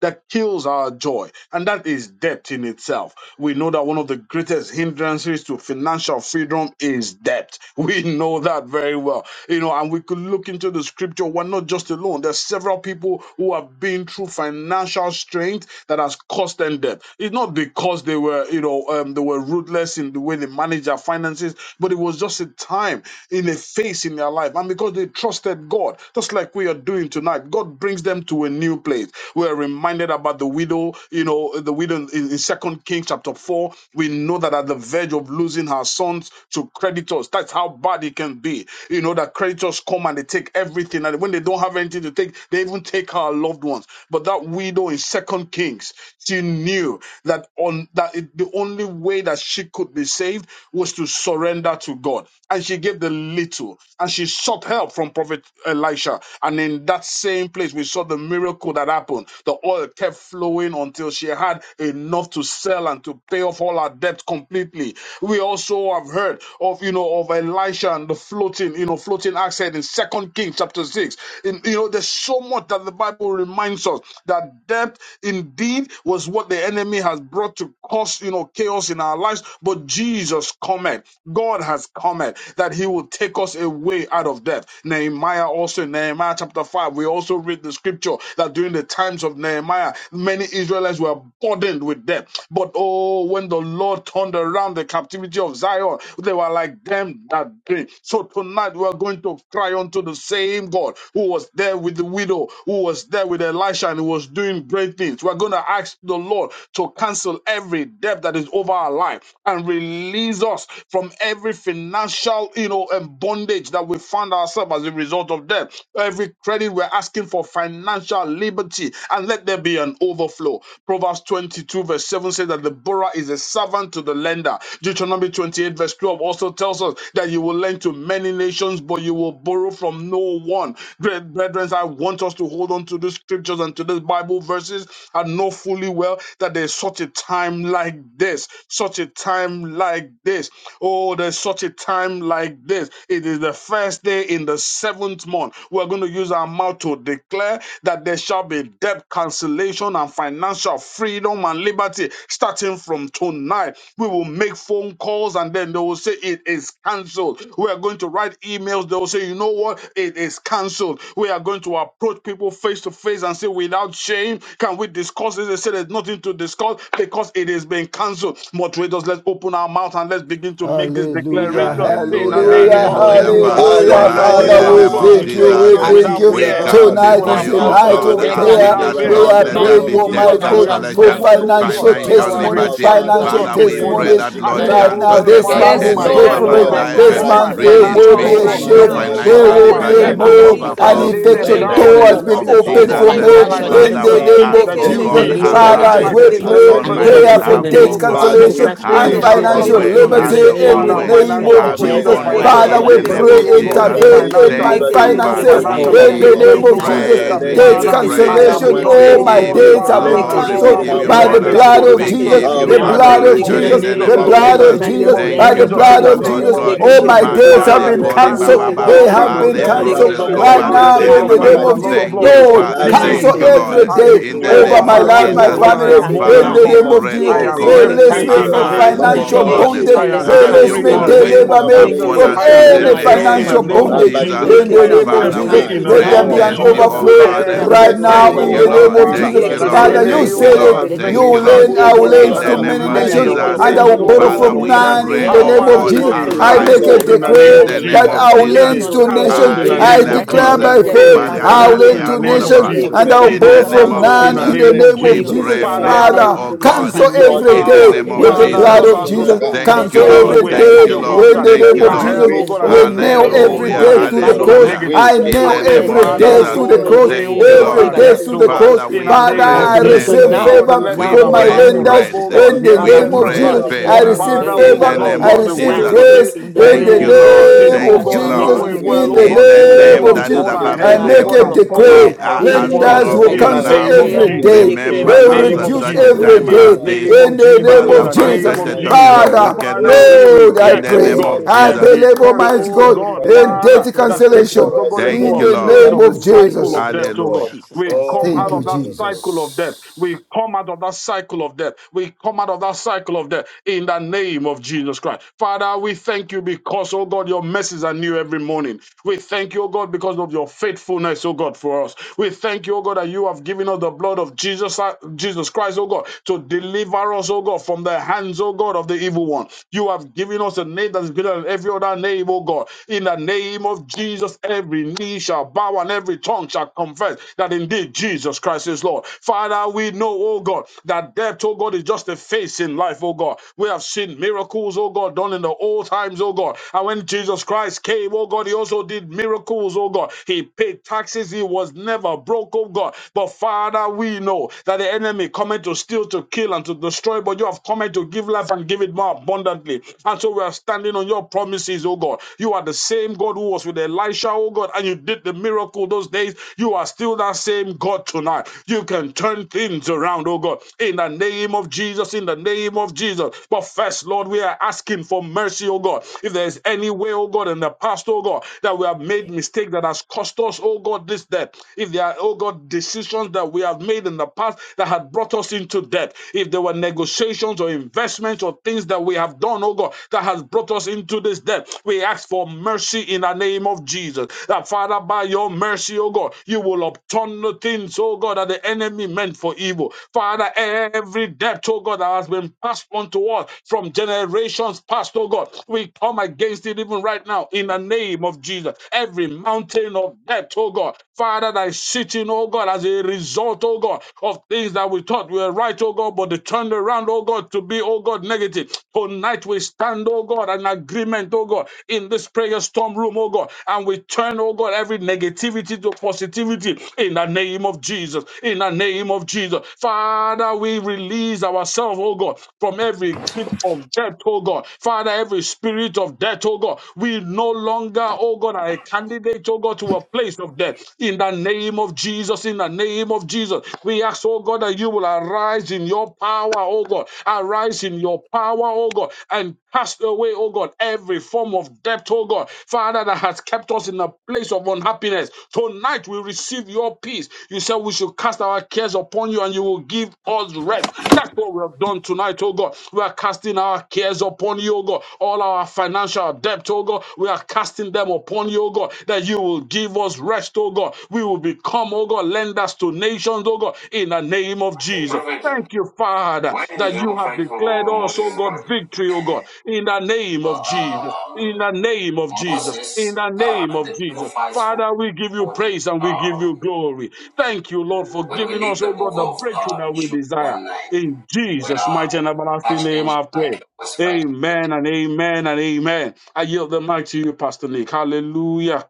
that kills our joy, and that is debt in itself. We know that one of the greatest hindrances to financial freedom is debt. We know that very well. You know, and we could look into the scripture. We're not just alone. There's several people who have been through financial strength that has cost them debt. It's not because they were, you know, um, they were ruthless in the way they manage their finances, but it was just a time in a phase in their life, and because they trusted God, just like we are doing doing tonight, God brings them to a new place. We're reminded about the widow, you know, the widow in, in Second Kings chapter four. We know that at the verge of losing her sons to creditors, that's how bad it can be. You know that creditors come and they take everything, and when they don't have anything to take, they even take our loved ones. But that widow in Second Kings, she knew that on that it, the only way that she could be saved was to surrender to God, and she gave the little, and she she sought help from Prophet Elisha. And in that same place, we saw the miracle that happened. The oil kept flowing until she had enough to sell and to pay off all her debt completely. We also have heard of, you know, of Elisha and the floating, you know, floating axe head in Second Kings chapter 6. In, you know, there's so much that the Bible reminds us that debt indeed was what the enemy has brought to cause, you know, chaos in our lives. But Jesus cometh. God God has come that he will take us away out of death. Nehemiah also, in Nehemiah chapter 5, we also read the scripture that during the times of Nehemiah, many Israelites were burdened with death. But oh, when the Lord turned around the captivity of Zion, they were like them that dream. So tonight we are going to cry unto the same God who was there with the widow, who was there with Elisha, and who was doing great things. We are going to ask the Lord to cancel every debt that is over our life and release us from every financial, you know, and bondage that we found ourselves as a result of them. Every credit we're asking for financial liberty and let there be an overflow. Proverbs 22 verse 7 says that the borrower is a servant to the lender. Deuteronomy 28 verse 12 also tells us that you will lend to many nations, but you will borrow from no one. Great brethren, I want us to hold on to the scriptures and to these Bible verses and no fool fully well that there's such a time like this, such a time like this. Oh, there's such a time like this. It is the first day in the seventh month. We're going to use our mouth to declare that there shall be debt cancellation and financial freedom and liberty starting from tonight. We will make phone calls and then they will say it is cancelled. We are going to write emails. They will say, you know what? It is cancelled. We are going to approach people face to to face and say, without shame, can we discuss this? They say there's nothing to discuss because it is being cancelled. Moderators, let's open our mouth and let's begin to make this
Hallelujah,
declaration in the
Hallelujah,
name
hallelujah,
I
of
am
hallelujah,
Jesus.
willing
Father.
to that
hallelujah.
we
Father,
Tonight,
we
pray
in
Father,
will
the
in
we
this
name
approach
of
Hallelujah.
season.
thank you,
Thank
Jesus,
we
situations
eh,
you,
As we
thank
without
you.
pray,
we
fear.
go for
come
We
Jesus.
Tonight
will
before
is
divine
you,
a
Our
approach
oh
counsel,
night
Father,
God,
of
we
their
situations
thank
asking
without
you
prayer.
that,
right
cancellation
fear,
We
now
of
in
Lord,
are
the
let
name
knowing
there
divine
praying,
be
of
fully well
Almighty
debt
Jesus
that we
God,
Christ,
financial
have
the
for
Son of
cancellation,
tabled,
the
liberty.
oh
living
God,
financial
We pray
God.
for
financial
our
testimonies,
Our
liberty.
financial
request,
Father,
oh
financial
liberty
we
God,
in
Father,
the
we
before
pray
name
pray
of
you.
testimonies
and
that,
I
Jesus.
Lord,
put,
declare
right
oh
cancel
now.
God,
Lord, let
This
every
Father,
that
month
every
all
Yes,
debt
is
my
debt
Almighty
over
debt,
Lord, we
over
my
oh
different.
God,
pray
our
God,
for
life. eh,
This
all
lives,
right
my
financial
month
let
there
it
now,
be
Release
financial,
will
me
be
testimonies
oh
a
cancelled
oh
in
right
God,
the
my
into
name
shift.
credit,
now.
of
God,
oh God,
Jesus.
There
I
financial
In
all
will
the
my
pray
be
We
a
liberty
are
name
debt,
right
praying,
oh
and
of
let
now,
move.
God.
it be
oh
I
An
Jesus.
God,
overflow
cancelled.
lay
We
In
effectual
the
them
the
pray
in
down
the
for
name
at
Father,
door
of
let
has
name
your
been
there
release
be
of
feet,
Jesus.
oh
In
opened
into
the
God.
for
Jesus. eh.
me
name
financial,
of
And I
financial
in
take
Almighty
Jesus.
Father,
the
the
liberty
we
God,
name
peace
ask,
that
of
Yeke
oh
debt
se
you
We'll
Jesus.
God,
give,
terebo,
release
oh
His
Father,
God.
yeke
Father,
financial
as
se
I
cancellation
arise
we
take
liberty
the
terebo.
and
on
pray,
and
my
financial
liberty
Yeke
prayer
that
overflow
se
in
for
you
the
behalf,
liberty
debt
give.
oh
terebo,
name
bo,
of
I
bo,
Father,
God.
take
bo.
Jesus
the
we
cancellation
Christ.
and
Have
pray
Yeke
We
freedom
your
that
se
pray for
that
you
own
financial
terebo,
this
cometh
Lord
way.
evening
from
yeke
in
liberty
you.
Have
the
se
cancel
your
in
terebo,
own
the
Father,
name
every
way.
of
yeke
debt
Jesus
name
se
Christ.
of
financial
over
Have
terebo.
my
your
Let
freedom,
there
Jesus.
be
own
life
way
Yeke
and
Father,
financial
se
financial
in
we
the
release
terebo,
name
liberty,
pray,
me
liberty
of
yeke
oh
se
God.
into
in the
Jesus.
intervene
terebo.
financial
name
in
of
Financial
my
God.
Thank
Yeke
you,
liberty
se
We
freedom,
pray
terebo,
for
Father.
finances
and
We
yeke
financial
se
in
financial
the
give
terebo,
overflow.
you
name
upliftment,
liberty
yeke
of
oh
se
God.
now
Jesus.
Father,
That
terebo.
praise.
in
We
let
the
give
Debt
name
you
this
Father,
Yeke
of
se
be
I
praise.
Jesus
terebo,
Christ.
cancellation,
am
someone's
not,
yeke
Father,
We
all
se
oh
Lord,
my
I
give
God,
terebo.
pray,
testimony.
oh
you
debts
God, in
have
the
Let
Father,
been
name
a
of
Yeke
this
glory.
se
Jesus
We
be
cancelled
borrower,
Christ.
terebo,
give
but a
you
by
someone's
yeke
Let
the
there
se
honor.
lender
be
blood
to
terebo,
debt
testimony.
of
We
yeke
nations.
Jesus,
se
give
Oh,
cancellation
you
the
In
terebo.
the
Father,
now
blood
we
name
of
in
of
adoration
the
in
pray
Jesus,
the
Jesus,
the
name
Yekeshetelebo,
name
that
of
of
in
blood
the
Jesus
of
Jesus.
Almighty
Christ.
name
God,
Jesus,
yekeshetelebo,
of
your
by
Let
Thank
word
the
there
you,
Jesus,
be
declares
in
blood
the
Father,
that
yekeshetelebo.
of
the
uh,
Lord
name
Jesus.
of
borrower
God.
is
All
in
a
Jesus.
the
my
Yekeshetelebo,
name
servant
debts
of
to
Father,
have
the
Jesus
I
Mandale
been
Christ.
kori
yekeshetelebo,
lender.
stand,
cancelled.
O
Father,
God,
bababa,
Lord,
They
And
I
under
we
have
the
pray in
been
the
ale
yekeshetelebo.
declare
authority
name
that,
cancelled
of
of
broses
the
Jesus
Most
Father,
Christ.
right
Yekeshetelebo,
kopari
you
High,
now now
King
bring
andere
in
of
the
Father,
baba.
name
Kings
yekeshetelebo.
of
and
Lord,
liberty
Lord
Jesus.
of
let's
Thank
Lords.
you,
in the
Lord,
cancel
Father.
life
Yekeshetelebo,
now
of
in
cancel
Thank
the
you,
Jesus,
each
name of
and
every
Lord.
yekeshetelebo.
I
Jesus. Christ.
debt
every
In the
declare
Let
one
it
over
be
of
over
name
my
my
of
us,
life,
life,
cancelled
O
my
now.
Yekesetelebo,
Jesus.
God,
Let
that
it be
family,
I
financially
am more
cancelled
in
Father,
than
the
now.
yekesetelebo.
beginning
we
name
conqueror.
now
of
pray,
in
Jesus.
I
oh
the
am
name
Let it
of
debt
be
God,
Release
Yekesetelebo,
free
bo,
me
cancelled
in
Jesus.
bo,
the
from
now
bo,
name
bo.
arise,
in
My
of
the
oh
financial
name
God,
of
Jesus.
God,
Thank you,
Jesus.
bondage.
you,
I
Christ. Let it
am
my
be
Jesus.
debt
God,
have
Release
you
free
Thank
your
cancelled
you,
in
me,
now
cause
in
the
own
the
us
Lord.
to
way
name
name
of
deliver
Jesus.
of
I
me
become
will
Jesus.
upon
from
pray.
lenders
us
I
to
in
am
Yekesetelebo,
Oh,
the
many
any
debt
my
free
Lord,
in
nations,
the
my
financial
name
yekesetelebo.
God,
of
name
I
uh,
of
bondage,
but
pray in
Jesus.
the
Jesus.
we'll
in
name
Yeke
of
the
I
Jesus.
se
borrow
name
am
of
Be
debt
Father,
from
terebo,
free
Jesus.
we
yeke
in
none.
cancelled
the
se
Let
pray
there
now
name
be
in
Our
of
the
an
terebo.
mercy,
Jesus.
name
oh
Father,
of
Yeke
we
overflow
Jesus
se
God.
Christ.
right
terebo,
bless your
she
Everything,
now,
Father,
Thank
in
oh
you,
Lord,
the
name.
terebo.
God,
I
name
Lord.
of
We
pray
Father,
in
Jesus.
Thank
the
you,
that
Yeke
trust
the
you,
se
Father,
Lord.
name of
you
enemy,
Thank
Jesus
Almighty
terebo,
oh
you,
said
Christ.
she
God,
it.
God.
has
Lord.
Let it
You
terebo.
meant
be
Thank
We
for
you,
will
Lord.
lend,
thank
evil,
cancelled,
oh
I
you,
will
Yeke
God,
oh
se
lend
In
that I
God.
the
to
Father,
will
terebo.
name
many
of
remain
As
that
I
in
nations,
the
you
call
Yeke
are
Jesus.
and
se
I
upon
place,
you
turning
will
in the
oh
our
terebo,
borrow
place
God,
Father,
of
yeke
from
mourning
of
we
se
death.
prayer,
none
into
in
terebo.
pray,
the
Ah,
oh
name
Father,
every
of
dancing.
God,
it
Jesus.
Yeke
form,
se
oh
is
You,
I
God,
the
terebo,
of
make
arise
a
cancelled
glory
death,
yeke
in the
se
and the
name
in
let
decree
of
the
there
terebo.
be a
name
that
lifter
Jesus.
of
I
of
will
It
Jesus.
Yes,
lend
is
cancellation
to
Lord.
over
in
our
cancelled
the
nations.
Ah,
in the
name of
Yeke
heads,
I
name
Jesus
yele
se
oh
of
Christ.
declare
God.
Jesus.
terebo,
brozes
Let
We
by
bo
there
bo
It
be a
faith,
will
bo
kopari
is
bo
call
bo
I
she
will
cancelled
andali
lend
cancellation
in
upon
the
terebo.
to
you,
in
name
the
of
mighty
name
nations,
God.
Jesus.
of
Yeke
and
Jesus
I
se
Thank
will
Christ.
It
in
you,
borrow
is
the
Father,
terebo,
name
that's
from
she
of
our
cancelled
Father.
in
none
the
prayer
in
terebo.
Jesus,
the
even
name
this
Thank
of
name
you,
we
of
evening, oh
Jesus.
God.
Yeke
pray
se
Jesus.
Father,
Jesus.
Let
terebo,
I
Mm.
there
mercy,
she
be
O
Father,
divine
terebo.
cancel
God.
in your
Lord,
every
In
thank
cancellation
Yeke
the
you
day
power.
for
se
name
the
in the
of
with the
terebo,
name
Father,
of
blood
yeke
just
Jesus.
of
se
as
consolation
Jesus
the
of
Jesus.
Christ.
terebo.
stone
God.
was
Thank
Let
Cancel
you,
there be
rolled
a
Yeke
Our
Lord.
every
se
away,
divine
day
Thank you,
terebo.
Father,
you
we
in
Lord.
cancellation
the
conquered
believe
Thank
name
death
you,
you.
of
Yeke
and
by
Lord.
se
the,
hell,
Jesus.
oh
We
the
God,
terebo
Spirit
and
We
trust
she
of
you,
God
nail
in
everything,
terebo.
the
oh
covenant
every
name of
God,
Hallelujah.
day
Jesus
that is
Christ.
keeping
to
Yeke
By
the
se
evil
God.
your
and
cross.
Hallelujah.
hand,
terebo.
O
We
God.
negative.
I
trust
In
I
nail
the
you,
Yeke
say,
name
she
Let
every
of
covenant
there
terebo.
be,
day
Father,
O
Yeke
to
God,
keeping
Jesus.
the
in
roll
se
the
God.
cross.
away,
terebo.
oh
Thank
name
you,
of
God,
Oh,
Jesus
Every
our
Lord.
Christ.
Yeke
day
Father,
debts,
she
to
we
oh
the
God.
terebo
thank
cross.
Father,
she
Jesus.
In
we
the
you,
Father,
terebo.
name
pray
I
of
awesome
Jesus.
Cancellation
receive
Yeke
God,
se
Oh,
now.
mercy.
the
favor
terebo.
mighty
We
Now,
letters
for
are
in
Yeke
my
the
God,
she
pray
name
piling
of
terebo.
up,
lenders
powerful
Jesus
grace.
oh God,
Christ.
in
God.
the
here,
Father,
We
name
We
left
we
of
and
pray
pray
right.
for
Jesus.
call
Yeke
this in
upon
I
the
But
name
favor.
of
you,
Jesus.
receive
the
Father,
Let
we
there
In
living
be a
will
the
she
favor.
not
God.
name
I
terebo.
run
of
cancellation
away
receive
Oh,
now.
Jesus.
from
Yeke
it,
grace
she
In the
but
in
Jehovah.
we
terebo.
the
Thank you,
will
name
Yeke
of
she
face
Oh,
Lord.
it,
Jesus
name
terebo.
my
oh
of
Thank
Christ,
you,
God,
God.
Father,
Yeke
Jesus.
Lord.
Lord, we
knowing
she
We
well,
In
terebo.
pray.
oh
the
cry
God,
In
Yeke she terebo. Yeke
to
the
she
Let
that
you,
there
name
you
terebo.
name
be
of
a
have
that
Yeke
the
is
Jesus.
gone
she
above
terebo.
I
cancellation
every
ahead,
living
as
oh
Yeke
we
name,
make
God,
God,
a
she
call
and
terebo.
upon
the
fought
you.
our
decree.
we are
In
almighty
the
battle for
God,
name
us
of
asking
the
Lenders
Jesus
of
Yekeshetelebo,
will
Christ, in
all
the
in
you
the
place
cancel
of
powerful
name
now,
of
prayer,
God,
yekeshetelebo,
every
O
the
Jesus,
God.
debt.
all
in
remember
the
They
glorious
will
yekeshetelebo,
us
name
God.
at
of
Cancellation,
reduce
such a
Jesus,
every
yekeshetelebo,
time
Oh,
in
cancellation
the
as
debt
name
this.
Father,
of
in the
yekeshetelebo,
Jesus,
name
now,
in
Father,
of
show
the
now,
us,
in the
name
Jesus.
frustrate
yekeshetelebo,
the
of
name of
Almighty
token
Jesus.
of
God.
yekeshetelebo,
Father,
Father,
yekeshetelebo,
wickedness
Oh,
we
my
Lord,
Lord
I
in
and
reject,
the
my
oh
pray.
name
God,
God,
of
I
yekeshetelebo,
Jesus.
what,
every
believe,
curse,
Almighty
Almighty
oh
God,
God,
God,
yekeshetelebo,
what no
in
Father,
man
debt
can
yekeshetelebo,
that
do
takes us,
cancellation
shetelebo,
for
oh
us,
God,
oh
into
in
Thank
a
God,
you,
the
place
Lord.
name
but
of a
of
you
yekeshetelebo,
can
cycle
do
Jesus.
of
it,
death,
oh
yekeshetelebo,
oh God.
God.
Hallelujah.
Jesus
We
Christ,
Oh,
come
Thank
my
out
you,
of
amen.
that
God.
cycle of death.
Jesus.
We come out of that cycle of death. We come out of that cycle of death in the name of Jesus Christ. Father, we thank you because, oh God, your mercies are new every morning. We thank you, oh God, because of your faithfulness faithfulness, oh God, for us. We thank you, oh God, that you have given us the blood of Jesus, uh, Jesus Christ, oh God, to deliver us, oh God, from the hands, oh God, of the evil one. You have given us a name that is greater than every other name, oh God. In the name of Jesus, every knee shall bow and every tongue shall confess that indeed Jesus Christ is Lord. Father, we know, oh God, that death, oh God, is just a face in life, oh God. We have seen miracles, oh God, done in the old times, oh God. And when Jesus Christ came, oh God, he also did miracles, oh God. He paid taxes. He was never broke, oh God. But Father, we know that the enemy coming to steal, to kill, and to destroy, but you have come here to give life and give it more abundantly. And so we are standing on your promises, oh God. You are the same God who was with Elisha, oh God, and you did the miracle those days. You are still that same God tonight. You can turn things around, oh God, in the name of Jesus, in the name of Jesus. But first, Lord, we are asking for mercy, oh God. If if there's any way, oh God, in the past, oh God, that we have made mistake that has cost us, oh God, this debt. If there are, oh God, decisions that we have made in the past that had brought us into debt. If there were negotiations or investments or things that we have done, oh God, that has brought us into this debt. We ask for mercy in the name of Jesus. That Father, by your mercy, oh God, you will upturn the things, oh God, that the enemy meant for evil. Father, every debt, oh God, that has been passed on to us from from generations past, oh God. We come against it even right now in the name of Jesus. Every mountain of debt, oh God. Father, that is sitting, oh God, as a result, oh God, of things that we thought were right, oh God, but they turned around, oh God, to be, oh God, negative. Tonight we stand, oh God, an agreement, oh God, in this prayer storm room, oh God, and we turn, oh God, every negativity to positivity in the name of Jesus. In the name of Jesus. Father, we release our ourselves, oh God, from every grip of death, oh God. Father, every spirit of death, oh God, we no longer, oh God, are a candidate, oh God, to a place of death. In the name of Jesus, in the name of Jesus, we ask, oh God, that you will arise in your power, oh God. Arise in your power, oh God, and Cast away, oh God, every form of debt, oh God, Father, that has kept us in a place of unhappiness. Tonight we receive your peace. You said we should cast our cares upon you and you will give us rest. That's what we have done tonight, oh God. We are casting our cares upon you, oh God. All our financial debt, oh God, we are casting them upon you, oh God, that you will give us rest, oh God. We will become, oh God, lenders to nations, oh God, in the name of Jesus.
Prophet,
Thank you, Father,
why did the
that you
devil
have
fight
declared
for
us, oh
Moses'
God,
body?
victory, oh God, in the name
Uh,
of Jesus. In
uh,
the name of Jesus, in
Moses,
the
uh,
name of
the devil
Jesus.
fights for
Father, we give you
body.
praise and we give
Uh,
you glory. Thank you, Lord, for
when we
giving
read
us,
the
oh
book
God, the
of
breakthrough
uh,
that we
Jude
desire.
1 9,
In
where
Jesus' mighty and everlasting name,
Archangel
I pray.
Michael was fighting. the
Amen and amen and amen. I yield the mic to you, Pastor Nick. Hallelujah.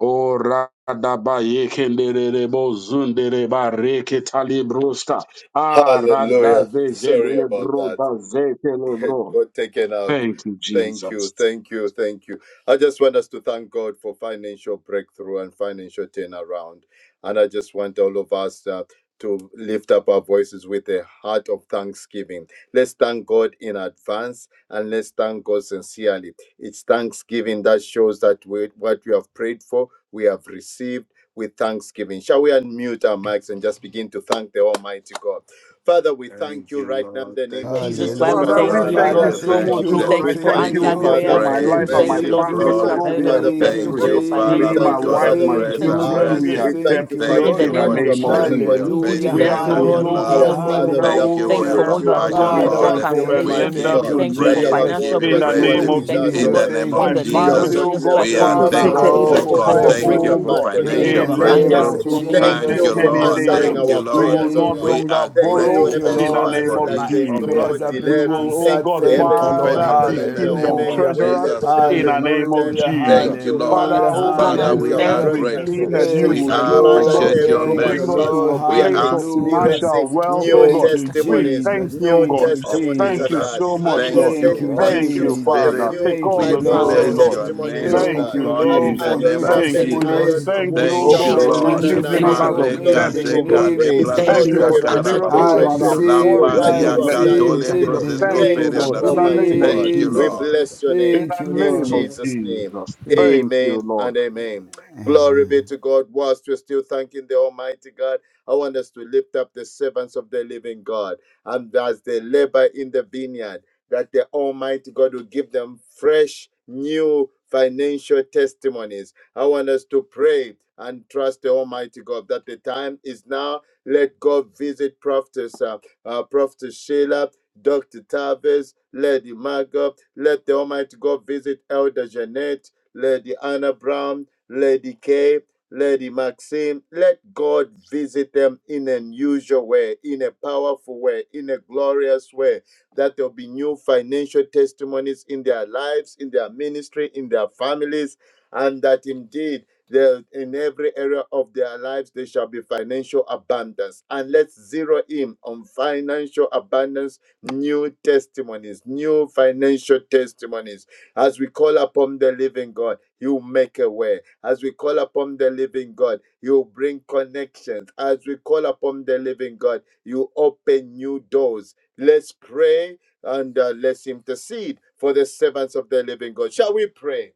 O radaba yekenderere bozundere bareke talibroska. Ah,
Hallelujah.
radaze
Sorry
zelele
about
bro
that.
bazekele
It
bro.
got taken out.
Thank you,
Thank you.
Jesus.
Thank you. Thank you. I just want us to thank God for financial breakthrough and financial turnaround. And I just want all of us uh, to lift up our voices with a heart of thanksgiving. Let's thank God in advance and let's thank God sincerely. It's thanksgiving that shows that we, what we have prayed for, we have received with thanksgiving. Shall we unmute our mics and just begin to thank the Almighty God? Father, we thank
Thank
you
you,
right now in
Lord.
the name
Thank
of
you,
Jesus
Jesus
Christ,
Lord.
we
Christ,
Father,
the
Father,
we
thank
Hallelujah.
we
Son
you, O
of
thank
give
the
you
Father,
you
God.
so
living
thank
God.
much,
you,
thanks.
We
oh God.
Lord.
I
thank
We
you for
thank
Thank
We
thank
you,
you,
you,
oh
give
answered
Lord.
you
God,
Father,
for
prayer.
my
for
Thank
your
you,
praise.
We
life
We
and my
thank
give
you,
mercy.
you
Lord,
Jesus.
family,
We
because
oh
you have
glory.
thank you,
God.
heard
We
us.
are
Father,
We
for
Thank
debt
thank
your
you,
you,
Thank
free.
God, for
you,
grace. We
Father,
Me,
financial
my
Lord
thank you,
God
Jesus.
testimonies.
wife,
of
Father,
my
for
We
Thank
your
grace
you,
thank you
and
for
children,
power.
we
mercy.
Jesus.
breakthrough
are
We
debt
thank
Thank
you,
you,
Father,
free
in
Thank
the
Lord.
in
for
you,
the
what
name of
you
Holy
name
have
of
Jesus.
done
Spirit,
and
for
what
Jesus.
your
you
We give you
Hallelujah.
We
continue
thanks,
are
to
faithfulness
O
and
not
do.
your
God,
no,
in
Hallelujah.
love.
Our
no
Jesus' name, O
Father,
longer,
we
God.
Thank
oh
you
God,
Thank
for
you
your
Hallelujah.
for
appreciate
what you
you.
lenders,
have
oh
done
compassion,
We
for
Father,
debt
Lord.
we
borrowers,
thank
but
you,
we
thank
are
you.
We
cancellation.
Almighty
lenders
give
We
Thank
God,
you
to
you,
thank you
that
for
nations
praise.
our
We
Jesus.
give
financial
God,
you
you
in
are
the
breakthrough, O
Thank
God.
surely
name
We
you,
praise.
of
with
thank you,
us,
O
In
Jesus.
Jesus.
the
God,
Almighty
name
Thank
God.
in
of
My
you,
the
You
name
have
of
family,
Jesus,
Jesus.
not
oh
Jesus
left
God,
Christ,
we
O
us.
are
You
God,
Thank
have
Father,
you,
in
not
the
has
thankful,
yekeshetelebo,
name
Lord,
oh
of
for
bo,
Jesus
forsaken
bo,
Christ,
us.
God.
You
bo,
for
become,
have
bo,
not
Thank
bo,
breakthrough
you
oh
breakthrough
for
God,
in
abandoned
the
in
us.
area
financial
a
of
the
our
And we
name
are
lender
yekeshetelebo,
breakthrough.
finances,
of
in
saying
the
bo,
to
bo,
name
bo,
of
thank
bo,
many,
Thank
Jesus.
bo,
you,
you
Jesus
bo,
Christ.
for
bo.
In
many
the
Lord.
Father,
answering
nations.
we
name
Thank you,
our
of
Thank
We
you,
Lord.
prayers,
will
oh
not
Jesus.
God.
Jesus.
We
longer
are
Thank you,
borrow
Thank
grateful,
you,
Thank you,
oh
in
Heavenly
the
Lord.
God,
Jesus.
name
Father,
for
of
Thank
that
My
you.
there
these,
is
oh
no
Jesus.
more
God,
prayers have
We
been
delay.
will, oh
answered.
Thank you,
God,
Thank
new
Thank
you,
you,
Heavenly
Lord.
Lord.
Father,
Father,
openings
be
that
in the
you have
name
Thank
kingdom
you.
made the
of
Hallelujah.
way
treasurers
leveled
Jesus.
in
every
the name of
mountain.
Hallelujah.
Jesus.
Thank
Thank you,
you,
Father,
Lord.
Hallelujah.
Father,
oh God,
Father,
Father,
Yekeshetelebo,
we
that
use
bo,
you
we
bo,
have
thank
are
bo.
you
Hallelujah.
brought
in the name
everything
grateful.
of
that you
Jesus.
cancellation.
We
Thank
will
Christ.
you,
And
do,
Yekeshetelebo,
oh
Oh
Father,
God,
Lord.
God,
appreciate your
to
every
yekeshetelebo.
Thank
one
bring
you,
of
us
mercy.
us,
Lord.
to a
we
You
We
are
can
place
are.
say
of
terrible,
Hallelujah.
you can
experiencing
financial
in
say
the
wealth,
name of
new
oh
terrible,
Thank
God.
Jesus.
you,
Christ.
We
testimonies,
thank
Jesus.
you, oh
new
Thank
name
God.
you,
of
testimonies, oh
Thank you
Jesus.
Jesus.
We
God.
so
Thank
you
much,
And
can
we
you
say
are
Lord.
for
Thank
the
you,
Thank
saying
name
you,
of
terrible, you
thank
Thank
Jesus.
can
Holy
you,
you
say
for the
terrible,
Jesus.
Father.
Spirit.
new
Take
Thank
Thank
all
you,
you,
We
the
you can
financial
Father,
glory,
say
Lord.
bless
Lord,
Lord.
in the
your
terrible,
name of
testimonies,
name,
oh
Jesus.
Thank
oh
Thank
God.
you,
you,
God,
As
Lord,
in the
for
Jesus.
iron
new
name of
Thank
sharpens
Thank
you.
you, Lord,
Jesus.
iron,
you
testimonies
in the
Thank
we'll
you,
name of
oh
Thank
of
you,
God,
sharpen
for
Jesus. We
one
Lord.
give
financial
you
releasing
can
us
another.
thanks,
say
O
out of
freedom
God, in
terrible,
Lord,
your
Mareka
in
debt,
name.
we
bobo,
the
oh
give
bobo.
you
God.
seka
name
We
of
praise.
lebra
thank
Lord,
Thank
you,
Thank
you
we
Lord,
zeska
for
you,
for
Jesus.
give
the
you
kara
answers. We
Jesus.
I
bababa.
miracles
Thank
that
you,
are
adoration
Lord.
You
receive,
for
can
pouring
To
of
say
I
you,
what
your
Lambaria
you
we
have
terrible,
bring
blessings.
bo,
done
receive
bo,
praise
this
katole
bo,
and
in
bo.
day.
glory
the
in the name
brozesco
Thank
of
you,
Thank
name
peri
You
you,
Lord,
of
can
in
Jesus.
andaraba.
say
the
Christ.
Almighty
name of
terrible,
God.
you
Thank you,
can say
We
Jesus.
Jesus.
Lord.
terrible.
bless your
In
name
Thank
the
you,
in
Yes,
name
Lord.
of
Lord.
Jesus' name.
Jesus.
Thank.
Thank you,
Amen
Lord.
and amen. Glory be to God. Whilst we're still thanking the Almighty God, I want us to lift up the servants of the living God. And as they labor in the vineyard, that the Almighty God will give them fresh, new financial testimonies I want us to pray and trust the Almighty God that the time is now. Let God visit Prophetess, uh, uh, Prophetess Sheila, Dr. Tavis, Lady Margot. Let the Almighty God visit Elder Jeanette, Lady Anna Brown, Lady Kay, Lady Maxine, let God visit them in an unusual way, in a powerful way, in a glorious way, that there'll be new financial testimonies in their lives, in their ministry, in their families, and that indeed the- in every area of their lives there shall be financial abundance and let's zero in on financial abundance new testimonies new financial testimonies as we call upon the living god he will make a way as we call upon the living god he will bring connections as we call upon the living god you open new doors let's pray and uh, let's intercede for the servants of the living god shall we pray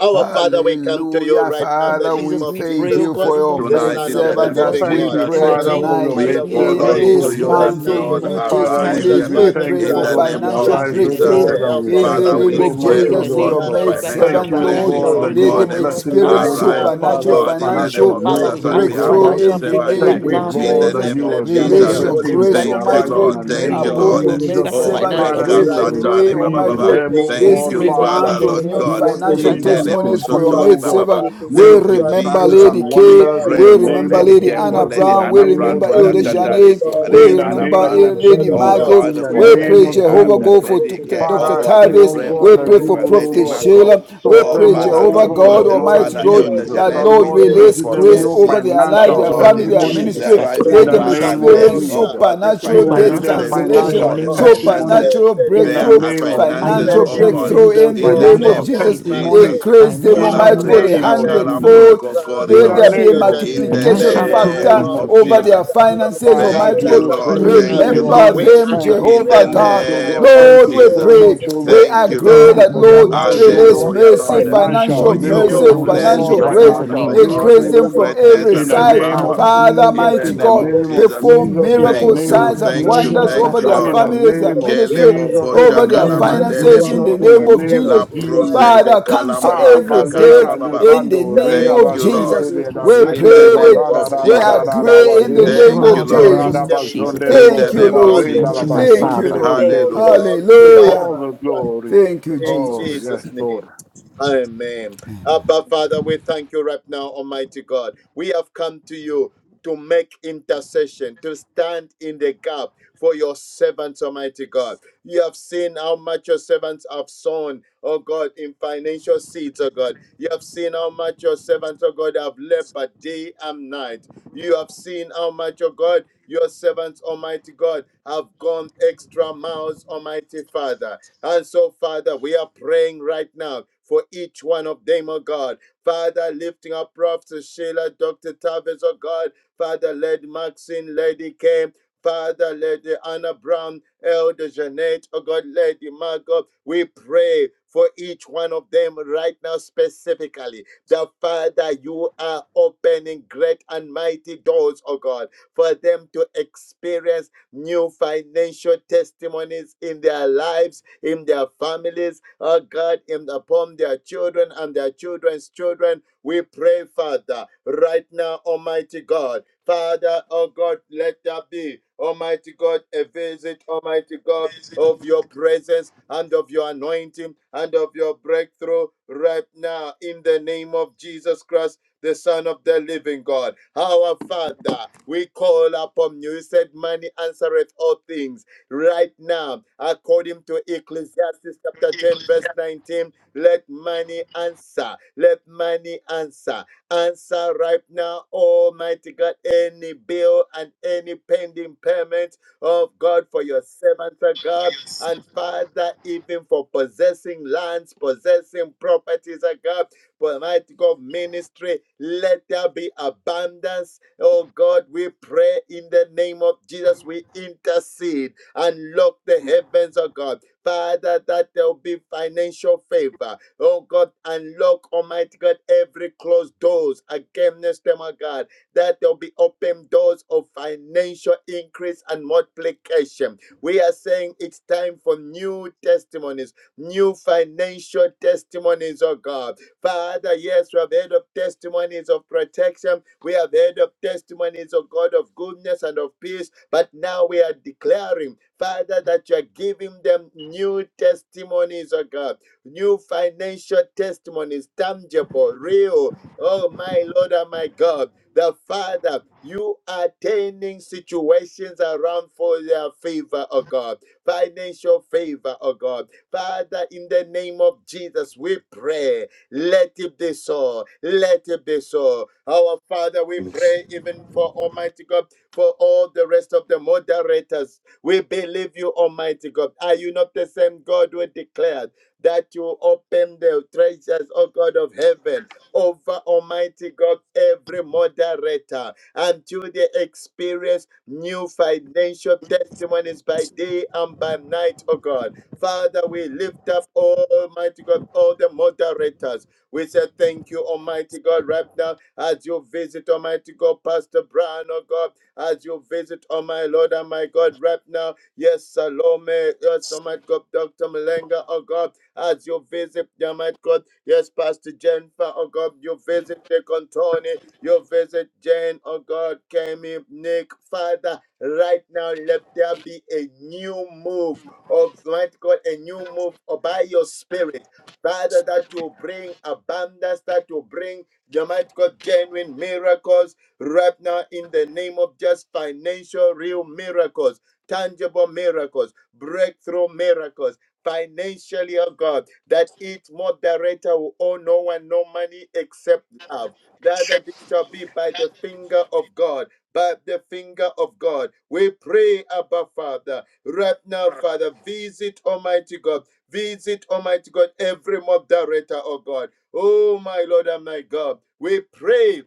our Father, we come to you
Hallelujah.
right now in
of
the
Father, we
name
Jesus,
of
we
thank
pray,
Jesus
oh
you
God,
for
Christ,
your
even
the
for your
maid
Tonight,
Son
God,
in
of
the
the
oh
servants
name
God,
as
of
living
Thank
we
God.
you,
Jesus,
in the
pray
That
Father,
our
name
for
of
tonight
your
we
Jesus,
maid
Father,
we
we
call
in
pray,
pray
servants,
oh
on
God,
oh
to
this
you
in
God.
the
that
right
month
now in
of
the
name
Lord
new
of
name of
Jesus
Father, we
Christ,
arise
testimonies.
give
Jesus,
you
We
by the
even
pray
thanks,
for
in
O
for
blood
the
God,
of
for
name
their
financial
of
Jesus,
financial,
lives,
in
O
the
with
Jesus.
breakthrough
name
the
of
God, and
You
Jesus
help
we
Christ,
of
can
in
the
thank
the
say
Father,
you
name
Holy
we
so
of
terrible,
much,
breakthrough,
pray,
you
Spirit,
in
O
oh
Jesus
the
can
for
say
God.
name
God,
your
that
of
for
Jesus
maid
our
terrible.
Christ,
financial
Thank
servants,
you,
Father,
O
You
Lord.
can
blessing,
financial
God,
say
you
oh
that
Let
you are
breakthrough,
God.
them
oh
terrible,
visit
God,
you can say
we
blessing
ask
them,
experience
O
for
right
this
terrible.
in
now,
God,
Arise,
the
oh
name
supernatural
Father,
of
with
you
Jesus
God, in
Christ.
the name
visit
financial
You
of
financial
can
Father,
right
we
Jesus,
say
on
now,
ask
miracles,
for
O
terrible,
behalf
God.
of
you
breakthrough
your
can
financial
Almighty
in the
say
God.
breakthrough
servant,
right
name
Thank
terrible,
We
of
you,
you
now.
in
pray
Lord,
the
can
that
that
say
Jesus.
name
you
terrible.
of
are
let
In
there
the
doing
be
Release
a
Jesus.
name
great
your
of
holy
things
Jesus
grace,
in
Christ,
their
Thank you,
Almighty
lives
Lord,
visitation,
in
God,
Lord.
we
the
a
name
Thank
believe
you,
in
of
the
upon
name
Lord.
powerful
your
of Jesus
maid
Jesus.
Christ for
Oh,
servants
visitation
financial
as
Yeke
Father,
Reka
we
se
you will
right
breakthrough,
terebo
pray,
now
Satari
bo bo
Baba
increase
bo
Almighty
in
in
Baba.
God.
bo
the
them,
bo
oh
name
she
of
we
This
Thank
God,
is
terebo.
pray
you,
a
for
Jesus
this
Father.
in
Father,
month
Christ,
the
the
of
Lord
Son
new
Yeke
name
Do
of
she
of
God.
the
what
Jesus
terebo
financial
only
living
Christ,
In
my
the
God.
yeke
name
you
se
can
testimonies
Lord.
for your
do,
terebo.
Abba,
maid
oh God.
Baba.
servant.
Father,
Yeke
We
se
we
Thank you,
Miracles,
terebo
trust
remember
she
you,
signs,
Jesus.
Lady
and
terebo.
Almighty
K.
We
wonders
God.
in
pray
We
the
Yeke
We
se
for
name
remember
trust
of
Lady
terebo
you,
Lady
Care,
King
for
Anna
of
yeke
Jesus,
se
in
Lady
the
Brown.
Kings.
We
Anna
terebo.
name
We
Brown,
remember
of
for
trust
Elder
you,
Dr.
Yeke
King
Jesus,
of
se
Tavis,
Janet.
for
Glory.
We
terebo
Lady
in
she
the
We
Anna
remember
terebo.
name
trust
Brown.
eh,
of
and
you, Lord
Lady
of
Oh
Yeke
Jesus,
Lords.
Margot.
se
God,
in the
We
for
We
terebo
trust
name
she
pray
you,
Lady
of
uh,
Jehovah
terebo
Ancient of
God
yeke
Jesus.
for
se
Days.
Lady
terebo.
Care.
Father,
Oh
Dr.
I
Our
God, we
pray,
Yeke
Tavis.
oh
pray,
Father,
she
We
God,
oh
that
pray
terebo
we
God,
you
for
bo
for
will,
bo
thank
oh
bo
Lady
Prophet
you,
bo
God,
bo bo
Margot.
Sheila.
bo.
Almighty
We
Soak
God.
Oh
pray
them
Yeke
up,
Father,
se
Oh,
oh
Jehovah
Lord
God, with
terebo
God,
the
Father,
God,
she
blood
oh
of
Almighty
my
Father
terebo she
God
God,
Elder
Jesus.
that
terebo.
The
Jeanette,
we
Lord
we
Lord,
pray
you will
pray
Yeke
release
give
se
for
them
grace
right
new
terebo
mercy.
over
now.
yeke
their
se
lives,
That
Thank
financial
their
you
terebo.
in the
Lord,
family,
name
Oh,
of
in
their
this
testimonies
Yeke
God,
Jesus
ministry.
se
Christ for
life,
in
terebo
right
Let
the
them
yeke
now.
financial
Father,
name
se
of
Oh,
let,
experience
terebo.
breakthrough
oh
Jesus.
God,
God, the
Yeke
You
for
supernatural
se
will
right
debt
give
terebo
them
financial
now.
finances,
yeke
oh
breakthrough
se
in
cancellation,
the
Oh,
God,
financial
the
name
terebo.
God.
of Jesus.
testimonies
finances
supernatural
Visit,
in the
their
breakthrough,
Almighty
name
God,
of
Yekesetelebo
finances,
financial
Jesus.
oh
Lady
You
Financial
shetelebo.
will
God,
Kay.
breakthrough
give them
breakthrough
in
in
the
in
the
Oh
the
name
name
God,
of
financial
name
of
Yekesetelebo.
Lady
Jesus.
of
Jesus.
testimonies
Jesus.
Maxine.
Increase them,
in
Financial
the
Almighty
Father,
God,
Olambria
a
visit
breakthrough
name
to
of
your
Lady
kakalambro
Anna
glory.
Jesus.
hundredfold.
Brown,
kokori
In
Name
Let
the
of
baba.
there
Jesus.
be a
Elder
name of
Yekesetelebo
In
Jeanette,
the
Jesus.
multiplication
shetelebo.
In
Financial
Lady
the
name
factor
breakthrough
name
Margot,
of
of
Yekesetelebo.
over
Jesus.
their
Jesus.
Father,
finances,
Prophet,
God, I
Yekesetelebo
Almighty
Thank
give
Sheila,
you,
God.
bo
you
bo bo
Lord.
Dr.
bo.
praise,
in
Thank
oh
the
you,
Travis.
God.
Remember
Lord.
name of
We
them,
are
Thank
Jesus.
you
In the
Jehovah
so
Yekesetelebo
decreeing,
much, oh
God.
right,
name
God.
God,
of
Thank
Lord,
you
we
yekesetelebo.
new
so
Jesus.
pray.
much, oh
We
God.
financial
Yekesetelebo
Thank
We
you,
turn
Thank
agree
testimonies
Lord.
out
you
that,
in
for
the
yekeshetelebo.
their
Lord,
name of
lives,
new
oh
Jesus.
release
God.
Hallelujah,
financial
mercy,
Lord.
Yekesetelebo
We
Financial
testimonies,
financial
For
believe you,
you
yekeshetelebo.
new
mercy,
God,
will
and
miracles,
we
oh
receive
bless
financial
God.
it
financial
your
right now in
grace.
the
own,
Financial
name
oh
Yekesetelebo
of
testimonies
Jesus.
God,
Increase
miracles,
shetelebo.
with
them
oh
right
from
God.
now
greatness
every
in
In
and
Thank
the
the
you, my
with
side.
name
name
Yekesetelebo
of
power.
of
Father.
bo bo bo
Father,
Jesus
bo
In
Jesus,
bo.
the
mighty
in
Christ,
the
name
God,
of
the
name of
Son
Jesus.
of
perform
the
Jesus,
Yekesetelebo.
in
Thank
the
you,
Living
Lord,
miracles,
Thank
in the
name
God.
you,
of
signs,
name
and
of
My
thank you,
Jesus.
Yekesetelebo
wonders
Jesus,
God,
my
thank
over
we
you,
their
are
Father,
In
Lord.
the
Lord.
yekesetelebo.
families,
trusting
their
you.
name of
We
ministry,
are
Kelebo
Jesus, in
bosha
over
the
believing
Yekesetelebo
their
you
In the
name of
name
that
shetelebo.
kalamandele
of
you
finances
are
in
Jesus.
Jesus,
the
bobobo.
in
making
the
name
it
of
name
good.
La
Jesus.
of
Yekesetelebo bo
You are
shetelebo.
Jesus.
brozeko
doing
Father,
what
cancel
turning
kalambra
Ah,
every
kakala
situations
debt
baleka
yekesetelebo
bababa.
around.
in the
lebando
You are
name
yekesetelebo
reda
Thank
of
bringing
you, Lord.
bazente
Jesus.
de
connection.
da
We
And
In
your
rekere
the
pray,
yekesetelebo
we,
name
Father, you
barada
are
of
da
we
da da
yekesetelebo
remembering
Jesus.
da da
their
ba
agree in
sins
the
Yes,
name
Thank
and
you,
of
Lord,
you
in
are
the
yekesetelebo
Lord.
giving
name
Jesus.
of
them
shetelebo
Jesus. Lord.
In
Radabazonderebo
the
Thank
financial
you,
name of
Lord.
kubarenda
harvest
Thank you,
Jesus.
my
yekesetelebo.
even
Thank you,
Father.
labazuntere
now.
Lord.
Thank
Oh
you,
mandete.
Hallelujah.
God,
Jesus.
Take
Thank you,
Father,
Hallelujah.
all
we
the
Father.
trust
glory.
you.
Thank
Thank you,
you,
In
mighty
Oh,
King.
Jesus.
yes,
Jesus'
Lord.
name. Amen. Abba, Father, we thank you right now, Almighty God. We have come to you to make intercession, to stand in the gap for your servants, Almighty God. You have seen how much your servants have sown, oh God, in financial seeds, oh God. You have seen how much your servants, oh God, have labored day and night. You have seen how much, oh God, your servants, Almighty God, have gone extra miles, Almighty Father. And so, Father, we are praying right now for each one of them, oh God. Father, lifting up Prophet Sheila, Dr. Tavis, oh God. Father, Lady Maxine, Lady Kim. Father, Lady Anna Brown, Elder Jeanette, oh God, Lady Margot, we pray for each one of them right now specifically. The Father, you are opening great and mighty doors, oh God, for them to experience new financial testimonies in their lives, in their families, oh God, in, upon their children and their children's children. We pray, Father, right now, Almighty God. Father, oh God, let there be, Almighty God, a visit, Almighty God, of your presence and of your anointing and of your breakthrough right now in the name of Jesus Christ the Son of the Living God. Our Father, we call upon you. You said, Money answereth all things. Right now, according to Ecclesiastes chapter 10, verse 19, let money answer. Let money answer. Answer right now, Almighty God, any bill and any pending payment of God for your servant, oh God. And Father, even for possessing lands, possessing properties, oh God but mighty God, ministry, let there be abundance. Oh God, we pray in the name of Jesus. We intercede and lock the heavens, oh God. Father, that there will be financial favor. Oh God, unlock, Almighty God, every closed doors against them, oh God. That there will be open doors of financial increase and multiplication. We are saying it's time for new testimonies, new financial testimonies, oh God Father, yes, we have heard of testimonies of protection. We have heard of testimonies of God of goodness and of peace. But now we are declaring, Father, that you are giving them new testimonies, oh God, new financial testimonies, tangible, real. Oh, my Lord and my God, the Father, you are turning situations around for their favor, oh God, financial favor, oh God. Father, in the name of Jesus, we pray. Let it be so. Let it be so. Our Father, we pray even for Almighty God, for all the rest of the moderators. We believe you, Almighty God. Are you not the same God who declared that you open the treasures, O God of heaven, over Almighty God, every moderator, until they experience new financial testimonies by day and by night, O God? Father, we lift up Almighty God, all the moderators. We say thank you, Almighty God, right now, as you visit Almighty God, Pastor Brian, oh God, as you visit, oh my Lord and my God, right now. Yes, Salome, yes, Almighty God, Dr. Malenga, oh God, as you visit, Almighty God, yes, Pastor Jennifer, oh God, you visit the Contoni, you visit Jane, oh God, Kemi, Nick, Father, right now, let there be a new move of light God, a new move or by your spirit. Father, that will bring abundance, that will bring the might God genuine miracles right now in the name of just financial real miracles, tangible miracles, breakthrough miracles. Financially, oh God, that each moderator will owe no one no money except love. That, that it shall be by the finger of God by the finger of God. We pray, Abba Father, right now, Father, visit Almighty God. Visit Almighty God, every mob director, oh God. Oh my Lord and my God. We pray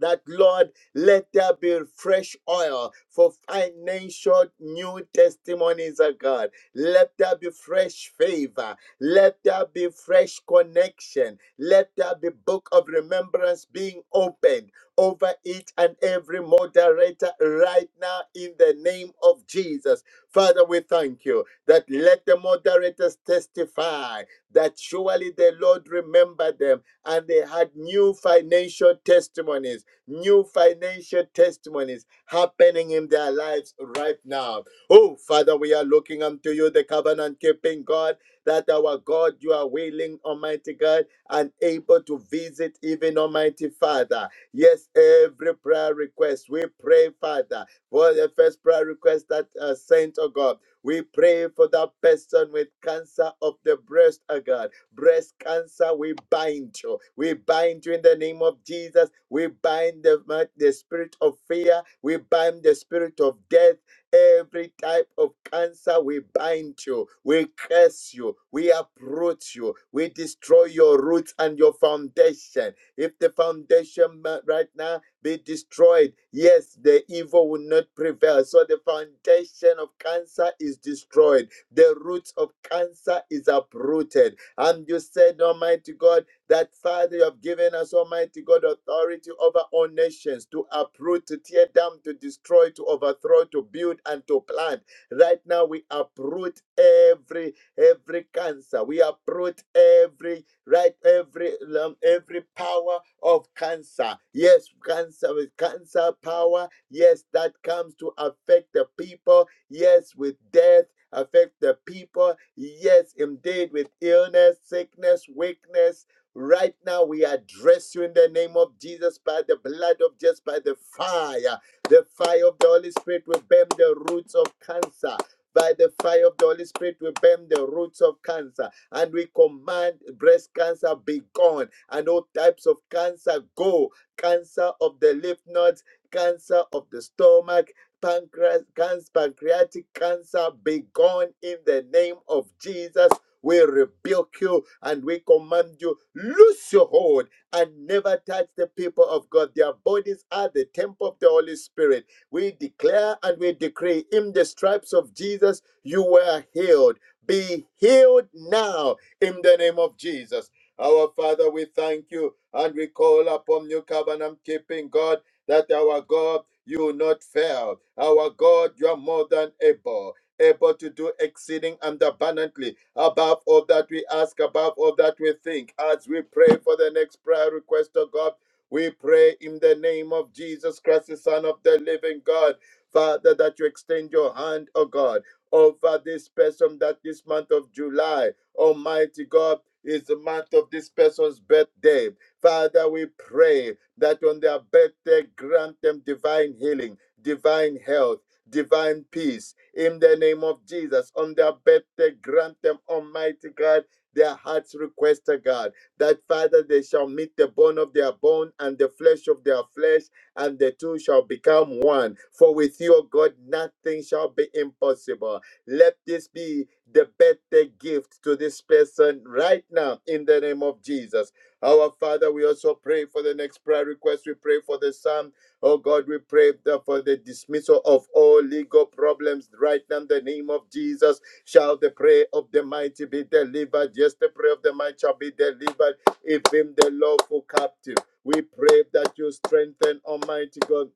that Lord, let there be fresh oil for financial new testimonies of God. Let there be fresh favor. Let there be fresh connection. Let there be book of remembrance being opened over each and every moderator right now in the name of Jesus. Father, we thank you that let the moderators testify that surely the Lord remembered them and they had new financial testimonies new financial testimonies happening in their lives right now. Oh, Father, we are looking unto you, the covenant keeping God, that our God, you are willing, Almighty God, and able to visit even Almighty Father. Yes, every prayer request, we pray, Father, for the first prayer request that uh, sent, oh God. We pray for that person with cancer of the breast, oh God breast cancer, we bind you. We bind you in the name of Jesus. We bind the, the spirit of fear. We bind the spirit of death. Every type of cancer, we bind you. We curse you. We uproot you. We destroy your roots and your foundation. If the foundation ma- right now be destroyed, yes, the evil will not prevail. So the foundation of cancer is destroyed. The roots of cancer is uprooted and you said, Almighty God, that Father, you have given us, Almighty God, authority over all nations to uproot, to tear down, to destroy, to overthrow, to build, and to plant. Right now, we uproot every every cancer. We uproot every right every um, every power of cancer. Yes, cancer with cancer power. Yes, that comes to affect the people Yes, with death affect the people. Yes, indeed, with illness, sickness, weakness. Right now, we address you in the name of Jesus by the blood of Jesus, by the fire. The fire of the Holy Spirit will burn the roots of cancer. By the fire of the Holy Spirit, we burn the roots of cancer and we command breast cancer be gone and all types of cancer go. Cancer of the lymph nodes, cancer of the stomach, pancreas, cancer, pancreatic cancer, be gone in the name of Jesus. We rebuke you and we command you, loose your hold and never touch the people of God. Their bodies are the temple of the Holy Spirit. We declare and we decree, in the stripes of Jesus, you were healed. Be healed now in the name of Jesus. Our Father, we thank you and we call upon you, covenant keeping God that our God, you will not fail. Our God, you are more than able, able to do exceeding and abundantly above all that we ask, above all that we think. As we pray for the next prayer request of God, we pray in the name of Jesus Christ, the Son of the living God. Father, that you extend your hand, oh God, over this person that this month of July, Almighty God, is the month of this person's birthday. Father, we pray that on their birthday, grant them divine healing, divine health, divine peace. In the name of Jesus, on their birthday, grant them, Almighty God, their hearts request, to God, that Father, they shall meet the bone of their bone and the flesh of their flesh, and the two shall become one. For with you, O God, nothing shall be impossible. Let this be the birthday gift to this person right now in the name of Jesus. Our Father, we also pray for the next prayer request. We pray for the Psalm. Oh God, we pray that for the dismissal of all legal problems right now in the name of Jesus. Shall the prayer of the mighty be delivered? Yes, the prayer of the mighty shall be delivered. If him the lawful captive. We pray that you strengthen, Almighty God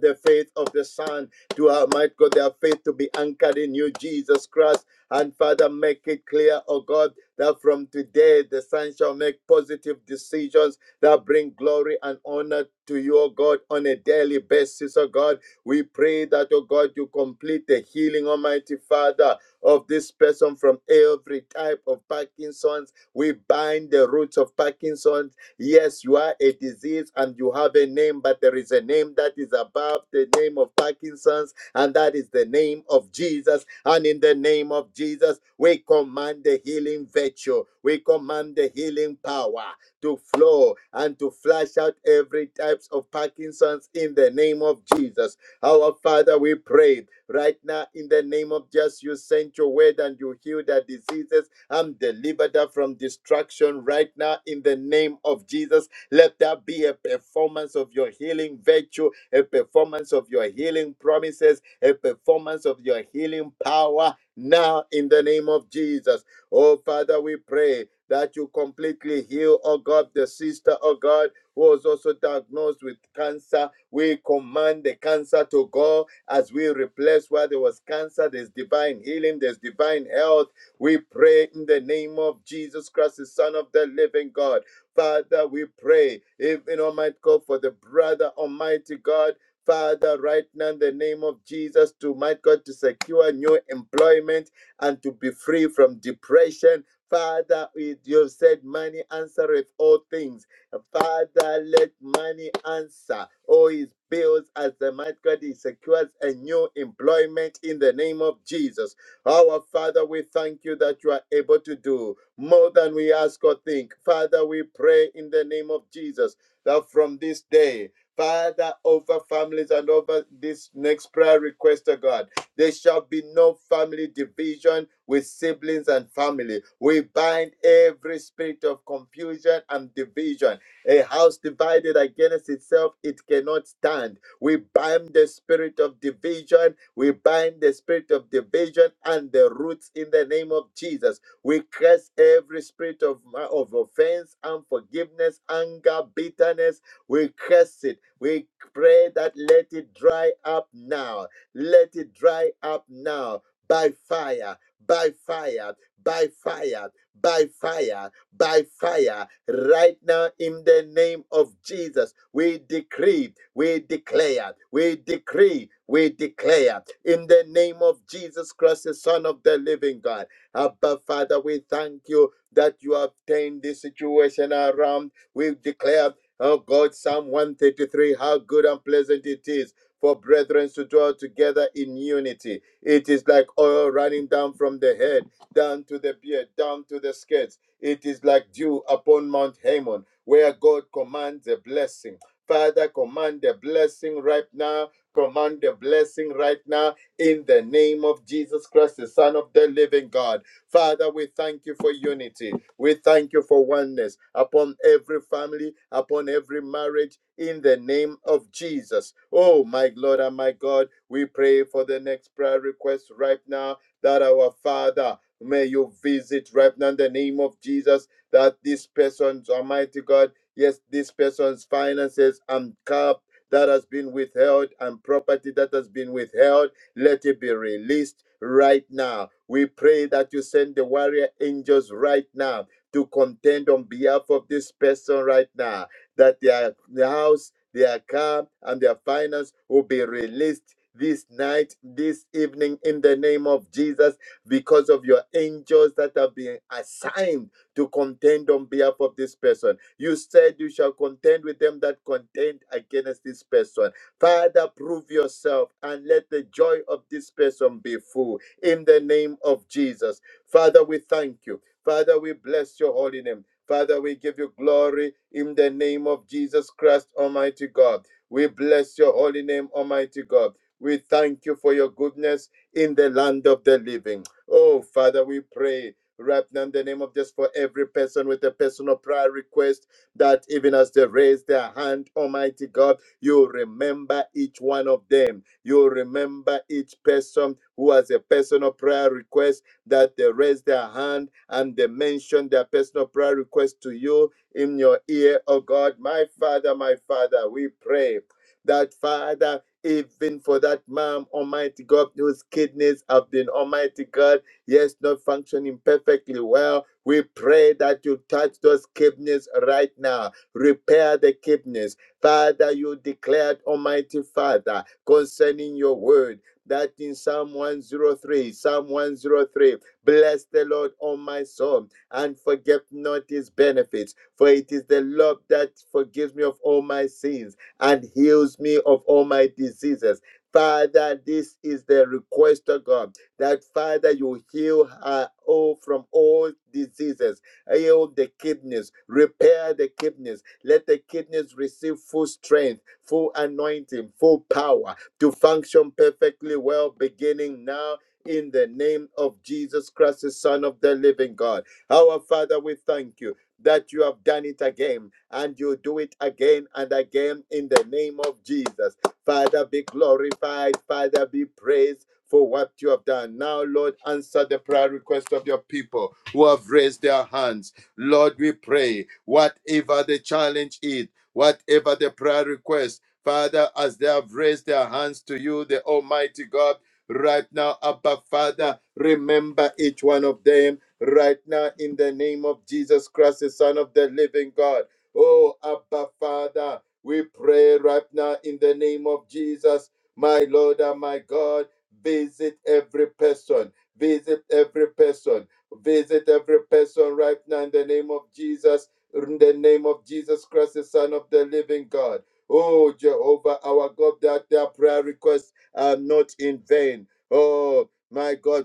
the faith of the Son, to our might God, their faith to be anchored in you, Jesus Christ. And Father, make it clear, oh God, that from today the Son shall make positive decisions that bring glory and honor to you, oh God, on a daily basis, oh God. We pray that, oh God, you complete the healing, Almighty Father, of this person from every type of Parkinson's. We bind the roots of Parkinson's Yes, you are a disease and you have a name, but there is a name that is above the name of Parkinson's, and that is the name of Jesus. And in the name of Jesus, we command the healing virtue, we command the healing power to flow and to flash out every types of Parkinson's in the name of Jesus. Our Father, we pray right now in the name of Jesus, you sent your word and you healed the diseases I'm delivered from destruction right now in the name of Jesus. Let that be a performance of your healing virtue, a performance of your healing promises, a performance of your healing power now in the name of Jesus. Oh, Father, we pray that you completely heal, oh God, the sister, oh God, who was also diagnosed with cancer. We command the cancer to go as we replace where there was cancer. There's divine healing, there's divine health we pray in the name of Jesus Christ, the Son of the living God. Father, we pray, even Almighty God, for the brother, Almighty God. Father, right now in the name of Jesus, to my God, to secure new employment and to be free from depression. Father, it- you said money answereth all things. Father, let money answer all his bills as the might God he secures a new employment in the name of Jesus. Our Father, we thank you that you are able to do more than we ask or think. Father, we pray in the name of Jesus that from this day, Father, over families and over this next prayer request, oh God, there shall be no family division with siblings and family. We bind every spirit of confusion and division. A house divided against itself, it cannot stand. We bind the spirit of division. We bind the spirit of division and the roots in the name of Jesus. We curse every spirit of, of offense, unforgiveness, anger, bitterness. We curse it. We pray that let it dry up now. Let it dry up now by fire, by fire, by fire, by fire by fire right now in the name of Jesus. We decree, we declare, we decree, we declare in the name of Jesus Christ, the Son of the living God. Abba, Father, we thank you that you have turned this situation around. We declare, oh God, Psalm 133, how good and pleasant it is. For brethren to dwell together in unity. It is like oil running down from the head, down to the beard, down to the skirts it is like dew upon Mount Hermon, where God commands a blessing. Father, command a blessing right now. Command a blessing right now in the name of Jesus Christ, the Son of the living God. Father, we thank you for unity. We thank you for oneness upon every family, upon every marriage, in the name of Jesus. Oh, my Lord and my God, we pray for the next prayer request right now that our Father. May you visit right now in the name of Jesus that this person's Almighty God, yes, this person's finances and cup that has been withheld and property that has been withheld, let it be released right now. We pray that you send the warrior angels right now to contend on behalf of this person right now, that their house, their car, and their finance will be released this night, this evening, in the name of Jesus because of your angels that have been assigned to contend on behalf of this person. You said you shall contend with them that contend against this person. Father, prove yourself and let the joy of this person be full in the name of Jesus. Father, we thank you. Father, we bless your holy name. Father, we give you glory in the name of Jesus Christ, Almighty God. We bless your holy name, Almighty God. We thank you for your goodness in the land of the living. Oh, Father, we pray right now in the name of just for every person with a personal prayer request that even as they raise their hand, Almighty God, you remember each one of them. You remember each person who has a personal prayer request that they raise their hand and they mention their personal prayer request to you in your ear, oh God. My Father, my Father, we pray that Father even for that mom, Almighty God, whose kidneys have been, Almighty God, yes, not functioning perfectly well. We pray that you touch those kidneys right now, repair the kidneys. Father, you declared, Almighty Father, concerning your word. That in Psalm 103, Psalm 103, bless the Lord, O my soul, and forget not his benefits, for it is the Lord that forgives me of all my sins and heals me of all my diseases. Father, this is the request of God that Father, you heal her all from all diseases, heal the kidneys, repair the kidneys, let the kidneys receive full strength, full anointing, full power to function perfectly well, beginning now. In the name of Jesus Christ, the Son of the Living God. Our Father, we thank you that you have done it again and you do it again and again in the name of Jesus. Father, be glorified. Father, be praised for what you have done. Now, Lord, answer the prayer request of your people who have raised their hands. Lord, we pray, whatever the challenge is, whatever the prayer request, Father, as they have raised their hands to you, the Almighty God, right now, Abba Father, remember each one of them right now in the name of Jesus Christ, the Son of the living God. Oh, Abba Father, we pray right now in the name of Jesus, my Lord and my God, visit every person, visit every person, visit every person right now in the name of Jesus, in the name of Jesus Christ, the Son of the living God. Oh, Jehovah, our God, that their prayer requests are not in vain. Oh, my God,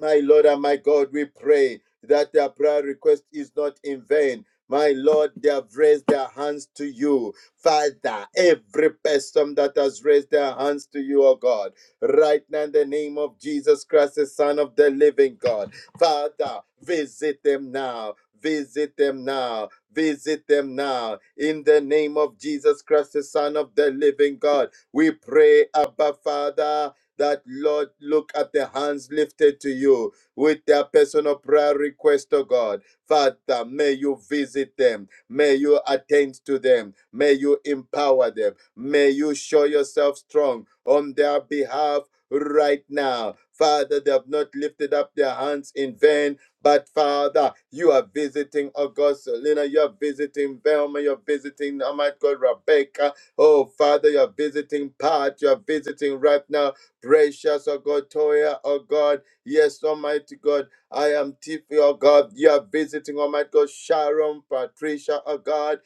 my Lord and my God, we pray that their prayer request is not in vain. My Lord, they have raised their hands to you. Father, every person that has raised their hands to you, oh God, right now in the name of Jesus Christ, the Son of the living God, Father, visit them now. Visit them now. Visit them now. In the name of Jesus Christ, the Son of the living God, we pray, Abba Father that Lord, look at the hands lifted to you with their personal prayer request, oh God. Father, may you visit them. May you attend to them. May you empower them. May you show yourself strong on their behalf right now. Father, they have not lifted up their hands in vain. But Father, you are visiting August Selena, you are visiting Velma, you are visiting, oh my God, Rebecca. Oh Father, you are visiting Pat, you are visiting right now Precious, oh God, Toya, oh God, yes, Almighty God, I am Tiffy, oh God, you are visiting, Almighty God, Sharon, Patricia, oh God,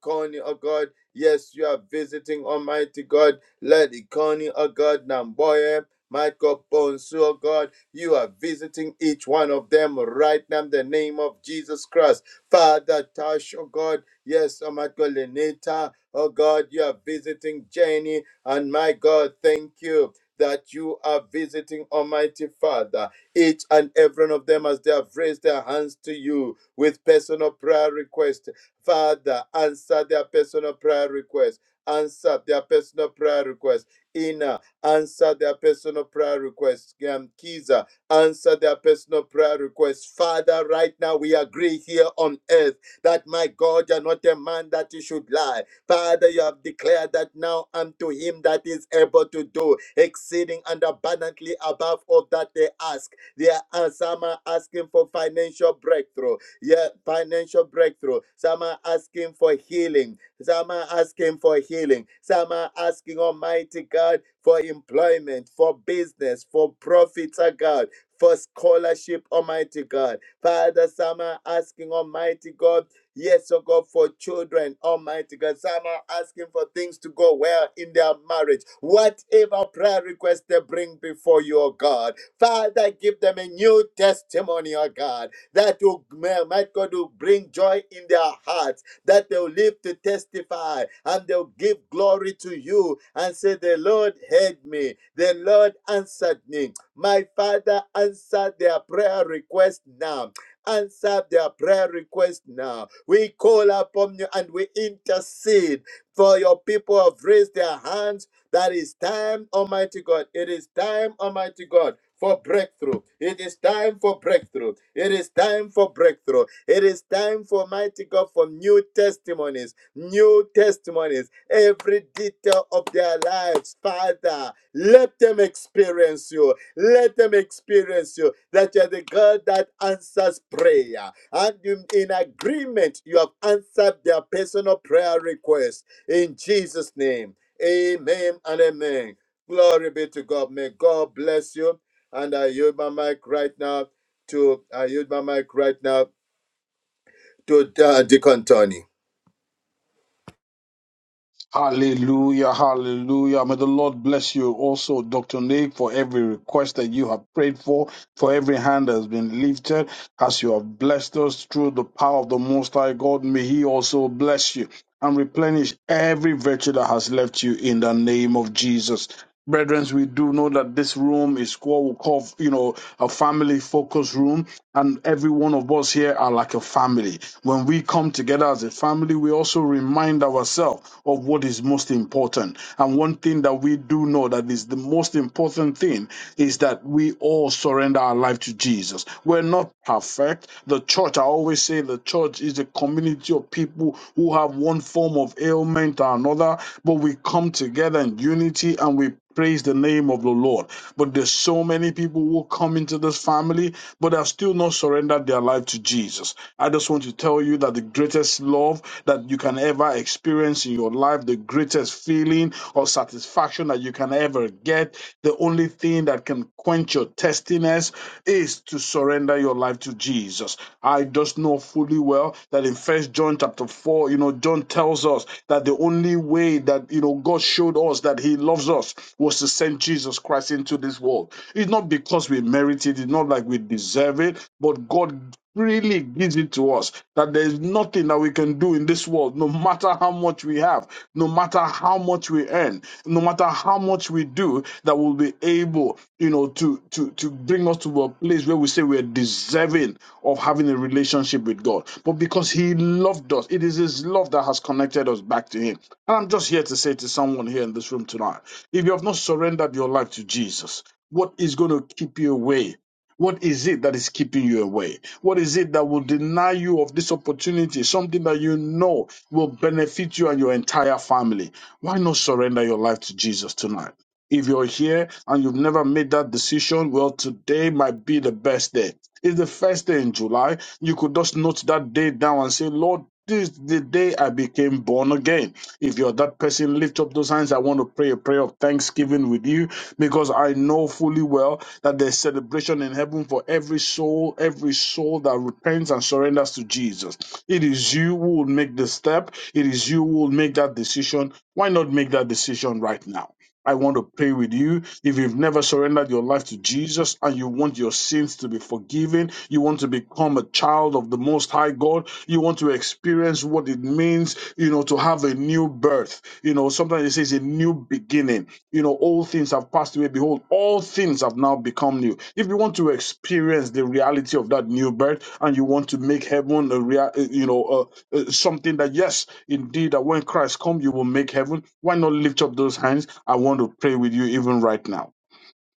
Connie, oh God, yes, you are visiting, Almighty God, Lady Connie, oh God, Namboye, Michael Bonsu, oh God, you are visiting each one of them right now in the name of Jesus Christ. Father Tash, oh God, yes, Almighty God, Lenita, oh God, you are visiting Jenny, and my God, thank you that you are visiting, Almighty Father, each and every one of them as they have raised their hands to you with personal prayer request. Father, answer their personal prayer request. Answer their personal prayer request. Ina, answer their personal prayer request. Um, Kiza, answer their personal prayer request. Father, right now we agree here on earth that my God, you're not a man that you should lie Father, you have declared that now unto him that is able to do exceeding and abundantly above all that they ask. They are, uh, some are asking for financial breakthrough. Yeah, financial breakthrough. Some are asking for healing. Some are asking for healing. Some are asking Almighty God for employment, for business, for profits, oh God. For scholarship, Almighty God. Father, some are asking, Almighty God, Yes, oh God, for children, Almighty God, some are asking for things to go well in their marriage. Whatever prayer request they bring before you, oh God, Father, give them a new testimony, oh God, that will, might God, will bring joy in their hearts, that they'll live to testify and they'll give glory to you and say, The Lord heard me, the Lord answered me. My Father, answer their prayer request now Answer their prayer request now. We call upon you and we intercede for your people who have raised their hands that is time, Almighty God. It is time, Almighty God. For breakthrough. It is time for breakthrough. It is time for breakthrough. It is time for mighty God for new testimonies, new testimonies. Every detail of their lives, Father, let them experience you. Let them experience you that you're the God that answers prayer. And in in agreement, you have answered their personal prayer request in Jesus' name. Amen and amen. Glory be to God. May God bless you. And I yield my mic right now to I yield my mic right now to uh, Deacon Tony.
Hallelujah, hallelujah. May the Lord bless you also, Dr. Nick, for every request that you have prayed for, for every hand that has been lifted, as you have blessed us through the power of the Most High God. May He also bless you and replenish every virtue that has left you in the name of Jesus. Brethren, we do know that this room is what we call, you know, a family focus room, and every one of us here are like a family. When we come together as a family, we also remind ourselves of what is most important. And one thing that we do know that is the most important thing is that we all surrender our life to Jesus. We're not perfect. The church, I always say, the church is the community of people who have one form of ailment or another, but we come together in unity and we praise the name of the Lord. But there's so many people who come into this family, but have still not surrendered their life to Jesus. I just want to tell you that the greatest love that you can ever experience in your life, the greatest feeling or satisfaction that you can ever get, the only thing thing that can quench your testiness is to surrender your life to Jesus. I just know fully well that in First John chapter four, you know, John tells us that the only way that you know God showed us that He loves us was to send Jesus Christ into this world. It's not because we merit it, it's not like we deserve it, but God freely gives it to us. That there is nothing that we can do in this world, no matter how much we have, no matter how much we earn, no matter how much we do, that will be able, you know, to to to bring us to a place where we say we're deserving of having a relationship with God. But because He loved us, it is His love that has connected us back to Him. And I'm just here to say to someone here in this room tonight, if you have not surrendered your life to Jesus, what is going to keep you away what is it that is keeping you away? What is it that will deny you of this opportunity? Something that you know will benefit you and your entire family. Why not surrender your life to Jesus tonight? If you're here and you've never made that decision, well, today might be the best day. It's the first day in July. You could just note that day down and say, Lord, this is the day I became born again. If you're that person, lift up those hands. I want to pray a prayer of thanksgiving with you because I know fully well that there's celebration in heaven for every soul, every soul that repents and surrenders to Jesus. It is you who will make the step, it is you who will make that decision. Why not make that decision right now? I want to pray with you. If you've never surrendered your life to Jesus and you want your sins to be forgiven, you want to become a child of the Most High God, you want to experience what it means, you know, to have a new birth. You know, sometimes it says a new beginning you know, all things have passed away. Behold, all things have now become new. If you want to experience the reality of that new birth and you want to make heaven a real, you know, uh, uh, something that, yes, indeed, that when Christ comes, you will make heaven, why not lift up those hands? I want to pray with you even right now.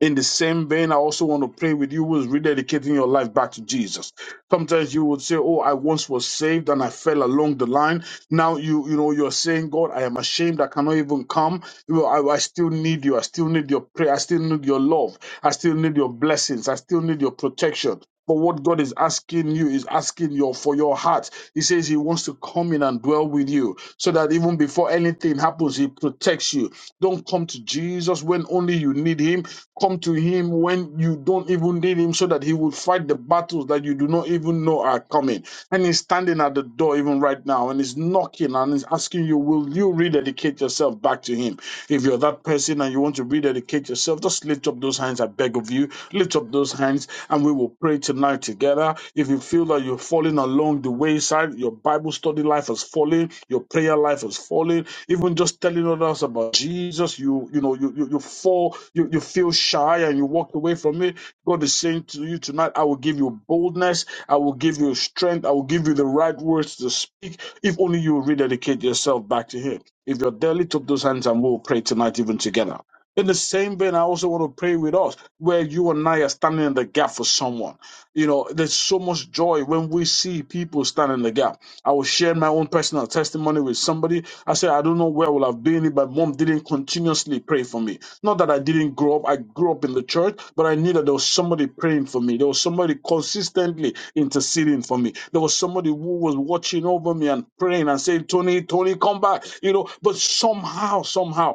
In the same vein, I also want to pray with you who's rededicating your life back to Jesus. Sometimes you would say, Oh, I once was saved and I fell along the line. Now you, you know, you're saying, God, I am ashamed. I cannot even come. You know, I, I still need you. I still need your prayer. I still need your love. I still need your blessings. I still need your protection. But what God is asking you is asking your for your heart. He says He wants to come in and dwell with you, so that even before anything happens, He protects you. Don't come to Jesus when only you need Him Come to Him when you don't even need Him so that He will fight the battles that you do not even know are coming. And he's standing at the door even right now and he's knocking and he's asking you, Will you rededicate yourself back to him? If you're that person and you want to rededicate yourself, just lift up those hands, I beg of you. Lift up those hands and we will pray tonight together. If you feel that you're falling along the wayside, your Bible study life is falling, your prayer life is falling, even just telling others about Jesus, you you know, you you, you fall, you, you feel shy and you walk away from it God is saying to you tonight, I will give you boldness, I will give you strength, I will give you the right words to speak, if only you will rededicate yourself back to Him. If you're there, lift up those hands and we'll pray tonight, even together. In the same vein, I also want to pray with us, where you and I are standing in the gap for someone. You know, there's so much joy when we see people stand in the gap. I was sharing my own personal testimony with somebody. I said, I don't know where I would have been if my mom didn't continuously pray for me. Not that I didn't grow up, I grew up in the church, but I knew that there was somebody praying for me. There was somebody consistently interceding for me. There was somebody who was watching over me and praying and saying, Tony, Tony, come back. You know, but somehow, somehow,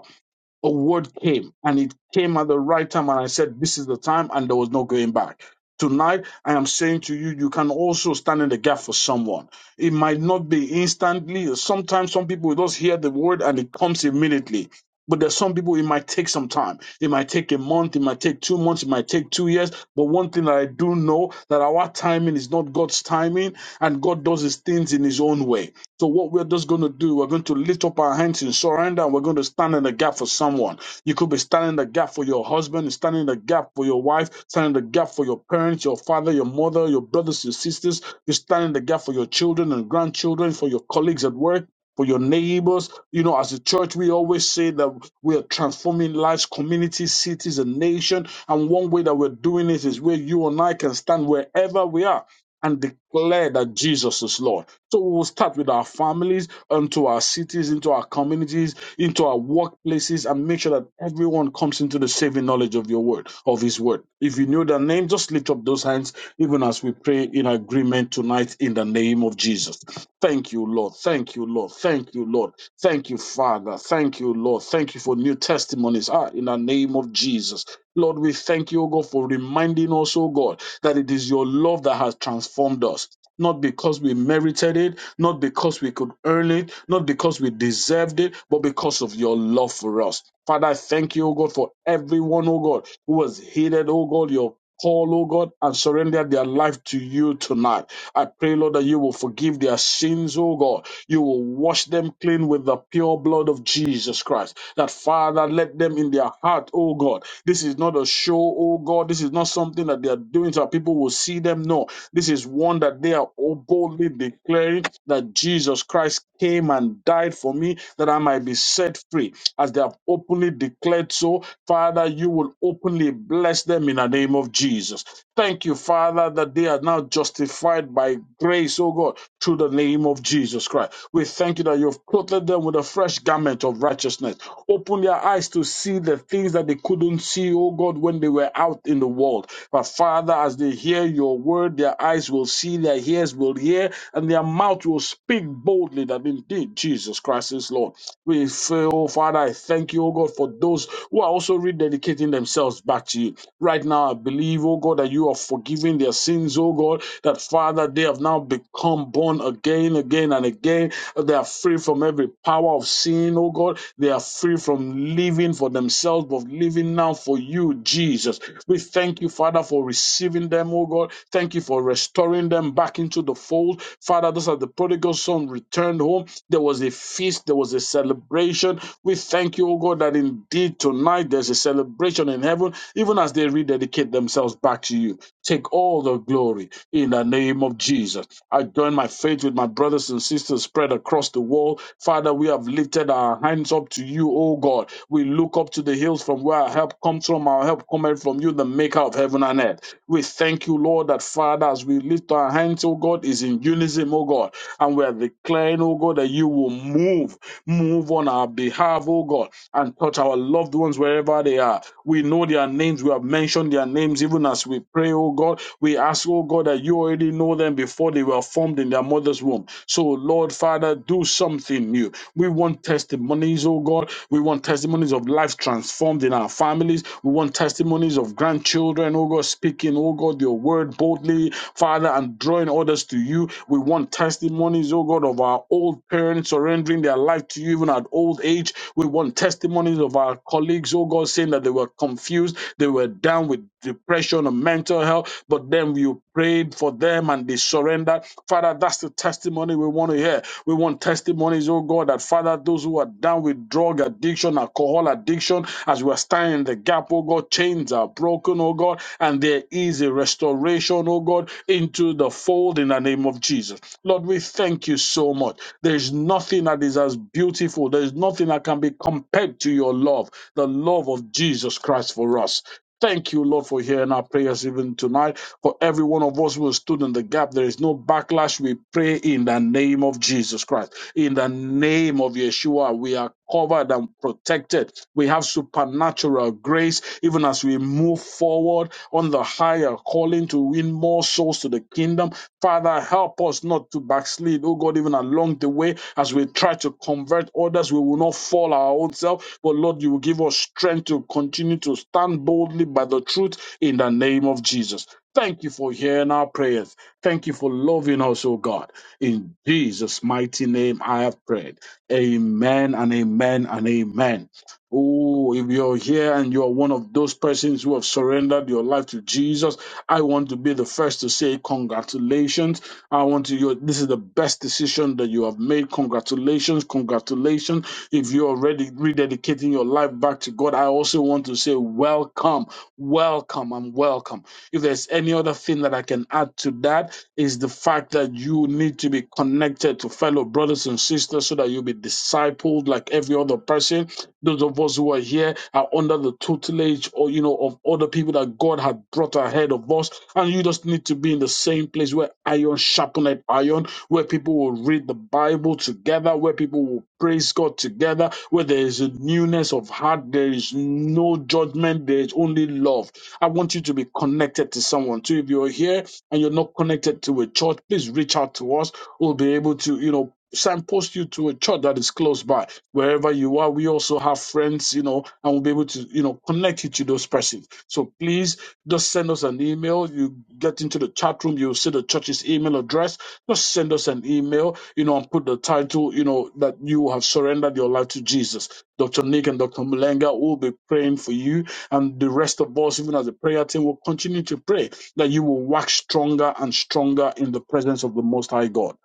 a word came and it came at the right time and i said this is the time and there was no going back tonight i am saying to you you can also stand in the gap for someone it might not be instantly sometimes some people will just hear the word and it comes immediately but there's some people it might take some time it might take a month it might take two months it might take two years but one thing that i do know that our timing is not god's timing and god does his things in his own way so what we're just going to do, we're going to lift up our hands in surrender and we're going to stand in the gap for someone. You could be standing in the gap for your husband, standing in the gap for your wife, standing in the gap for your parents, your father, your mother, your brothers, your sisters. You stand in the gap for your children and grandchildren, for your colleagues at work. For your neighbors, you know, as a church, we always say that we are transforming lives, communities, cities, and nation. And one way that we're doing it is where you and I can stand wherever we are and declare that Jesus is Lord. So we will start with our families, into our cities, into our communities, into our workplaces, and make sure that everyone comes into the saving knowledge of your word, of his word. If you know the name, just lift up those hands, even as we pray in agreement tonight in the name of Jesus. Thank you, Lord. Thank you, Lord. Thank you, Lord. Thank you, Father. Thank you, Lord. Thank you for new testimonies. Ah, in the name of Jesus. Lord, we thank you, O God, for reminding us, O God that it is your love that has transformed us. Not because we merited it, not because we could earn it, not because we deserved it, but because of your love for us. Father, I thank you, O God, for everyone, O God, who has heeded, O God, your call, O God, and surrendered their life to you tonight. I pray, Lord, that you will forgive their sins, O God. You will wash them clean with the pure blood of Jesus Christ. That Father, let them in their heart, oh God. This is not a show, oh God. This is not something that they are doing so that people will see them. No, this is one that they are all boldly declaring that Jesus Christ came and died for me that I might be set free. As they have openly declared so, Father, you will openly bless them in the name of Jesus. Thank you, Father, that they are now justified by grace, O God, through the name of Jesus Christ. We thank you that you've clothed them with a fresh garment of righteousness. Open their eyes to see the things that they couldn't see, O God, when they were out in the world. But Father, as they hear your word, their eyes will see, their ears will hear, and their mouth will speak boldly that indeed Jesus Christ is Lord. We say, oh Father, I thank you, O God, for those who are also rededicating themselves back to you. Right now, I believe, oh God, that you are forgiving their sins, oh God, that Father, they have now become born again, again, and again. They are free from every power of sin, oh God. They are free from living for themselves, but living now for you, Jesus. We thank you, Father, for receiving them, oh God. Thank you for restoring them back into the fold. Father, those are the prodigal son returned home. There was a feast, there was a celebration. We thank you, oh God, that indeed tonight there's a celebration in heaven, even as as they rededicate themselves back to you. Take all the glory in the name of Jesus. I join my faith with my brothers and sisters spread across the world. Father, we have lifted our hands up to you, O God. We look up to the hills from where our help comes from. Our help cometh from you, the maker of heaven and earth. We thank you, Lord, that Father, as we lift our hands, O God, is in unison, O God. And we are declaring, O God, that you will move, move on our behalf, O God, and touch our loved ones wherever they are. We know their names. We have we have mentioned their names, even as we pray, oh God, we ask, oh God, that you already know them before they were formed in their mother's womb. So, Lord Father, do something new. We want testimonies, oh God. We want testimonies of life transformed in our families. We want testimonies of grandchildren, oh God, speaking, oh God, your word boldly, Father, and drawing others to you. We want testimonies, oh God, of our old parents surrendering their life to you even at old age. We want testimonies of our colleagues, oh God, saying that they were confused they were down with depression and mental health, but then you prayed for them and they surrendered. Father, that's the testimony we want to hear. We want testimonies, oh God, that Father, those who are down with drug addiction, alcohol addiction, as we are standing in the gap, oh God, chains are broken, oh God, and there is a restoration, oh God, into the fold in the name of Jesus. Lord, we thank you so much. There's nothing that is as beautiful, there's nothing that can be compared to your love, the love of Jesus Christ for us. Thank you, Lord, for hearing our prayers even tonight. For every one of us who stood in the gap, there is no backlash. We pray in the name of Jesus Christ. In the name of Yeshua, we are covered and protected. We have supernatural grace, even as we move forward on the higher calling to win more souls to the kingdom. Father, help us not to backslid, oh God, even along the way as we try to convert others. We will not fall our own self, but Lord, you will give us strength to continue to stand boldly by the truth in the name of Jesus. Thank you for hearing our prayers. Thank you for loving us, O God. In Jesus' mighty name, I have prayed. Amen and amen and amen. Oh, if you're here and you're one of those persons who have surrendered your life to Jesus, I want to be the first to say congratulations. I want to you. This is the best decision that you have made. Congratulations, congratulations. If you're already rededicating your life back to God, I also want to say welcome, welcome, and welcome. If there's any other thing that I can add to that, is the fact that you need to be connected to fellow brothers and sisters so that you'll be discipled like every other person. Those of us who are here are under the tutelage or you know of other people that God had brought ahead of us, and you just need to be in the same place where iron sharpened iron, where people will read the Bible together, where people will praise God together, where there is a newness of heart, there is no judgment, there is only love I want you to be connected to someone too. If you're here and you're not connected to a church, please reach out to us. We'll be able to, you know, signpost you to a church that is close by. Wherever you are, we also have friends, you know, and we'll be able to, you know, connect you to those persons. So please just send us an email. You get into the chat room, you'll see the church's email address. Just send us an email, you know, and put the title, you know, that you have surrendered your life to Jesus. Dr. Nick and Dr. Mulenga will be praying for you and the rest of us, even as a prayer team, will continue to pray that you will wax stronger and stronger in the presence of the Most High God.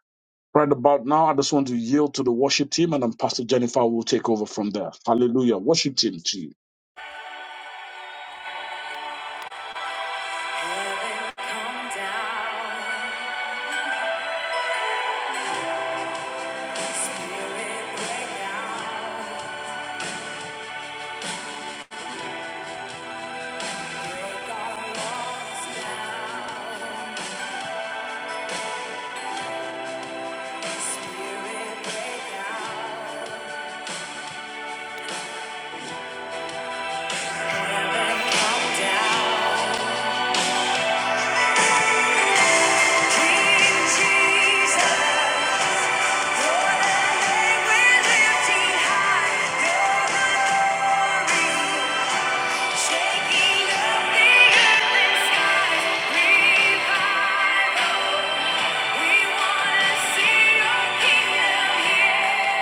Right about now, I just want to yield to the worship team, and then Pastor Jennifer will take over from there. Hallelujah. Worship team to you.
Shaking up the earth and sky, breathe. We wanna see your kingdom here.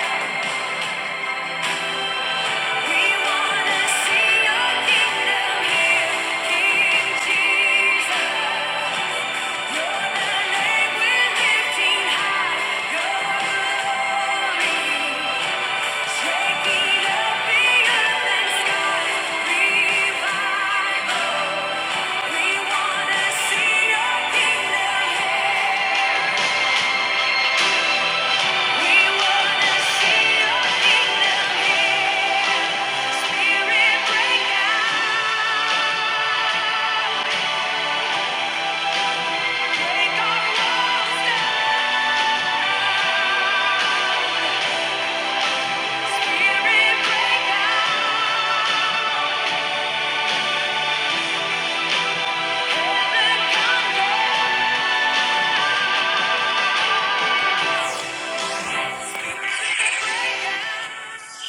We wanna see your kingdom here, Jesus. Your name we're lifting high. Your glory shaking up the earth and sky. Revival. We wanna see your kingdom here. We wanna see your kingdom here. Spirit break out. Spirit break out.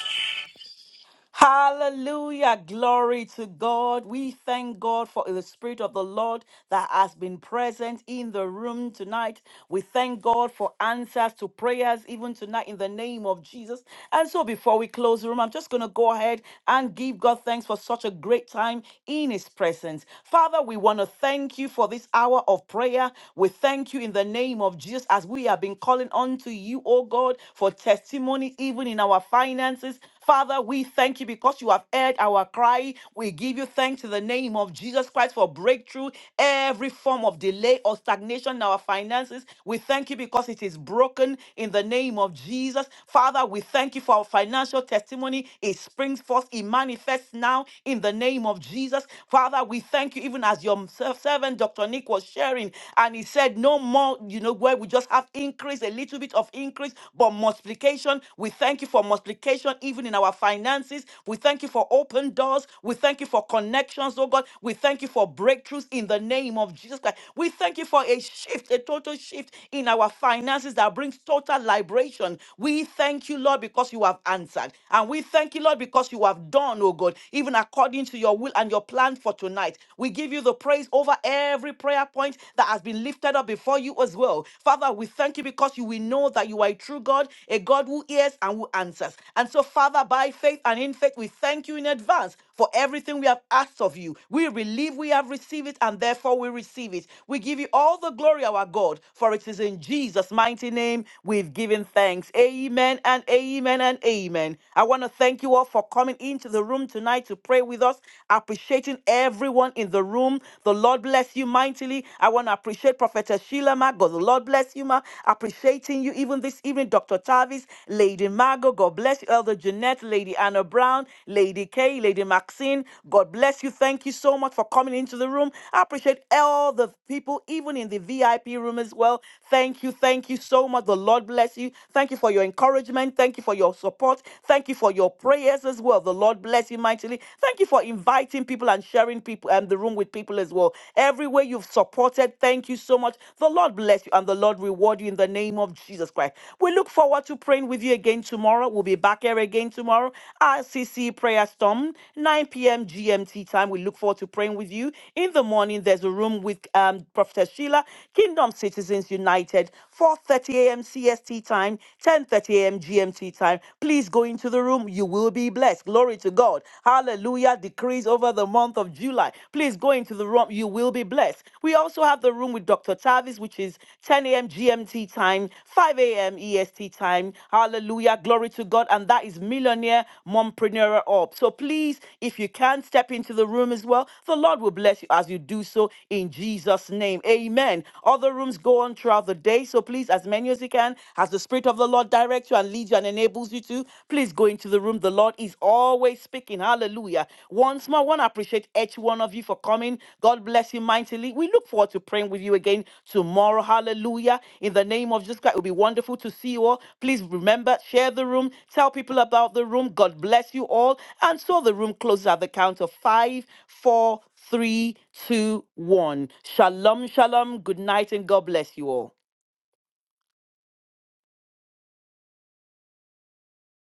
Hallelujah. Glory to God. We thank God for the Spirit of the Lord that has been present in the room tonight. We thank God for answers to prayers, even tonight, in the name of Jesus. And so, before we close the room, I'm just going to go ahead and give God thanks for such a great time in His presence. Father, we want to thank you for this hour of prayer. We thank you in the name of Jesus as we have been calling unto you, oh God, for testimony it even in our finances. Father, we thank you because you have heard our cry. We give you thanks in the name of Jesus Christ for breakthrough, every form of delay or stagnation in our finances. We thank you because it is broken in the name of Jesus. Father, we thank you for our financial testimony. It springs forth, it manifests now in the name of Jesus. Father, we thank you even as your servant, Dr. Nick, was sharing, and he said, No more, you know, where we just have increase is a little bit of increase, but multiplication. We thank you for multiplication even in our finances. We thank you for open doors. We thank you for connections, oh God. We thank you for breakthroughs in the name of Jesus Christ. We thank you for a shift, a total shift in our finances that brings total liberation. We thank you, Lord, because you have answered. And we thank you, Lord, because you have done, oh God, even according to your will and your plan for tonight. We give you the praise over every prayer point that has been be lifted up before you as well. Father, we thank you because you will know that you are a true God, a God who hears and who answers. And so, Father, by faith and in faith, we thank you in advance for everything we have asked of you. We believe we have received it and therefore we receive it. We give you all the glory, our God, for it is in Jesus' mighty name we've given thanks. Amen and amen and amen. I want to thank you all for coming into the room tonight to pray with us, appreciating everyone in the room room. The Lord bless you mightily. I want to appreciate Prophetess Sheila Ma. God, the Lord bless you, Ma. Appreciating you even this evening, Dr. Tavis, Lady Margot. God bless you, Elder Jeanette, Lady Anna Brown, Lady Kay, Lady Maxine. God bless you. Thank you so much for coming into the room. I appreciate all the people, even in the VIP room as well. Thank you. Thank you so much. The Lord bless you. Thank you for your encouragement. Thank you for your support. Thank you for your prayers as well. The Lord bless you mightily. Thank you for inviting people and sharing people and the room with people as well. Every way you've supported, thank you so much. The Lord bless you and the Lord reward you in the name of Jesus Christ. We look forward to praying with you again tomorrow. We'll be back here again tomorrow. RCC prayer storm, 9 p.m. GMT time. We look forward to praying with you. In the morning, there's a room with um, Prophet Sheila, Kingdom Citizens United, 4:30 a.m. CST time, 10:30 a.m. GMT time. Please go into the room the room, you will be blessed. Glory to God. Hallelujah. Decrees over the month of July. Please go into the room, you will be blessed. We also have the room with Dr. Tavis, which is 10 a.m. GMT time, 5 a.m. EST time. Hallelujah. Glory to God. And that is Millionaire Mompreneur Up. So please, if you can, step into the room as well. The Lord will bless you as you do so in Jesus' name. Amen. Other rooms go on throughout the day. So please, as many as you can, as the Spirit of the the Lord directs you and leads you and enables you to, please go into the room. The Lord is always speaking. Hallelujah. Once more, I want to appreciate each one of you for coming. God bless you mightily. We look forward to praying with you again tomorrow. Hallelujah. In the name of Jesus Christ, it will be wonderful to see you all. Please remember, share the room, tell people about the room. God bless you all. And so the room closes at the count of five, four, three, two, one. Shalom, shalom. Good night and God bless you all.